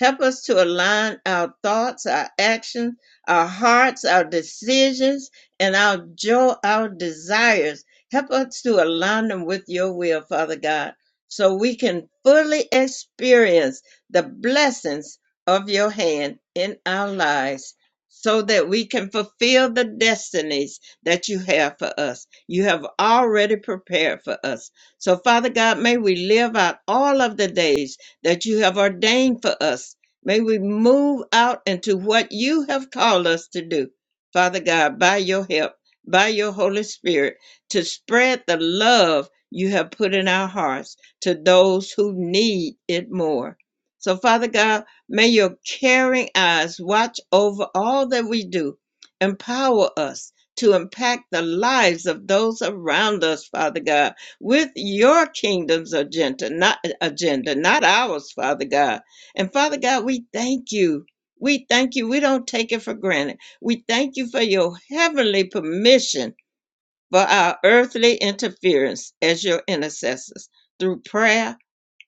Speaker 1: Help us to align our thoughts, our actions, our hearts, our decisions, and our joy, our desires. Help us to align them with your will, Father God, so we can fully experience the blessings of your hand in our lives. So that we can fulfill the destinies that you have for us. You have already prepared for us. So, Father God, may we live out all of the days that you have ordained for us. May we move out into what you have called us to do, Father God, by your help, by your Holy Spirit, to spread the love you have put in our hearts to those who need it more. So, Father God, may your caring eyes watch over all that we do. Empower us to impact the lives of those around us, Father God with your kingdom's agenda, not agenda, not ours, Father God. And Father God, we thank you. We thank you. We don't take it for granted. We thank you for your heavenly permission for our earthly interference as your intercessors through prayer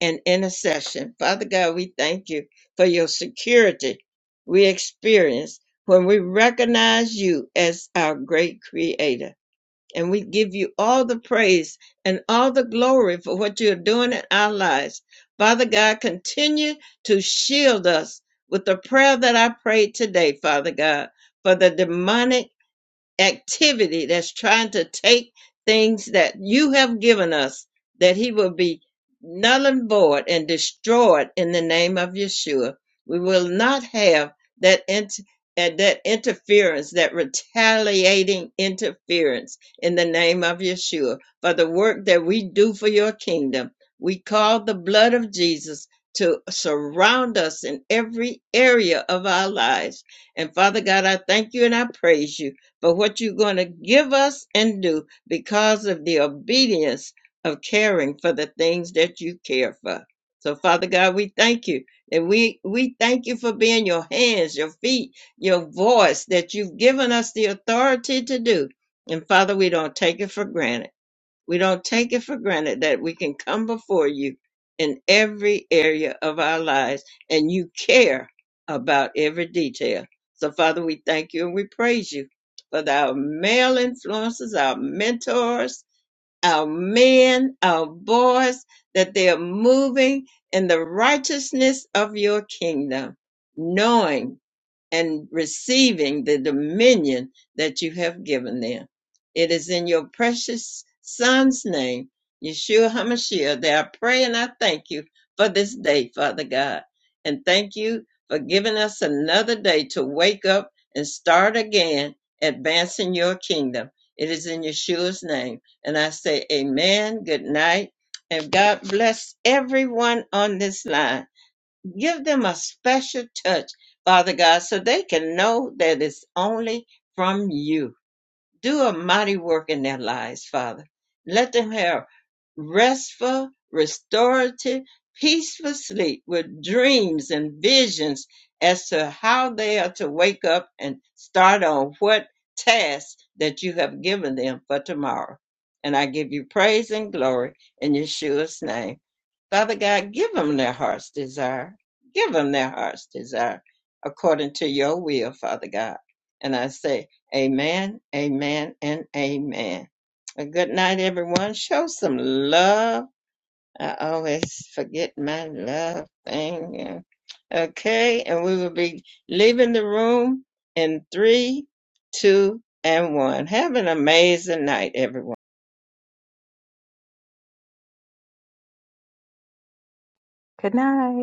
Speaker 1: and intercession. Father God, we thank you for your security we experience when we recognize you as our great creator and we give you all the praise and all the glory for what you're doing in our lives. Father God, continue to shield us with the prayer that I prayed today, Father God, for the demonic activity that's trying to take things that you have given us, that he will be null and void and destroyed in the name of Yeshua. We will not have that int- uh, that interference, that retaliating interference in the name of Yeshua for the work that we do for your kingdom. We call the blood of Jesus to surround us in every area of our lives. And Father God, I thank you and I praise you but what you're going to give us and do because of the obedience of caring for the things that you care for. So, Father God, we thank you. And we, we thank you for being your hands, your feet, your voice that you've given us the authority to do. And Father, we don't take it for granted. We don't take it for granted that we can come before you in every area of our lives and you care about every detail. So, Father, we thank you and we praise you for our male influences, our mentors, our men, our boys, that they are moving in the righteousness of your kingdom, knowing and receiving the dominion that you have given them. It is in your precious Son's name, Yeshua HaMashiach, that I pray and I thank you for this day, Father God. And thank you for giving us another day to wake up and start again advancing your kingdom. It is in Yeshua's name. And I say, Amen, good night, and God bless everyone on this line. Give them a special touch, Father God, so they can know that it's only from you. Do a mighty work in their lives, Father. Let them have restful, restorative, peaceful sleep with dreams and visions as to how they are to wake up and start on what task that you have given them for tomorrow. And I give you praise and glory in Yeshua's name. Father God, give them their heart's desire. Give them their heart's desire according to your will, Father God. And I say, Amen, Amen, and Amen. A good night, everyone. Show some love. I always forget my love thing. Okay, and we will be leaving the room in three, two, and one. Have an amazing night, everyone.
Speaker 6: Good night.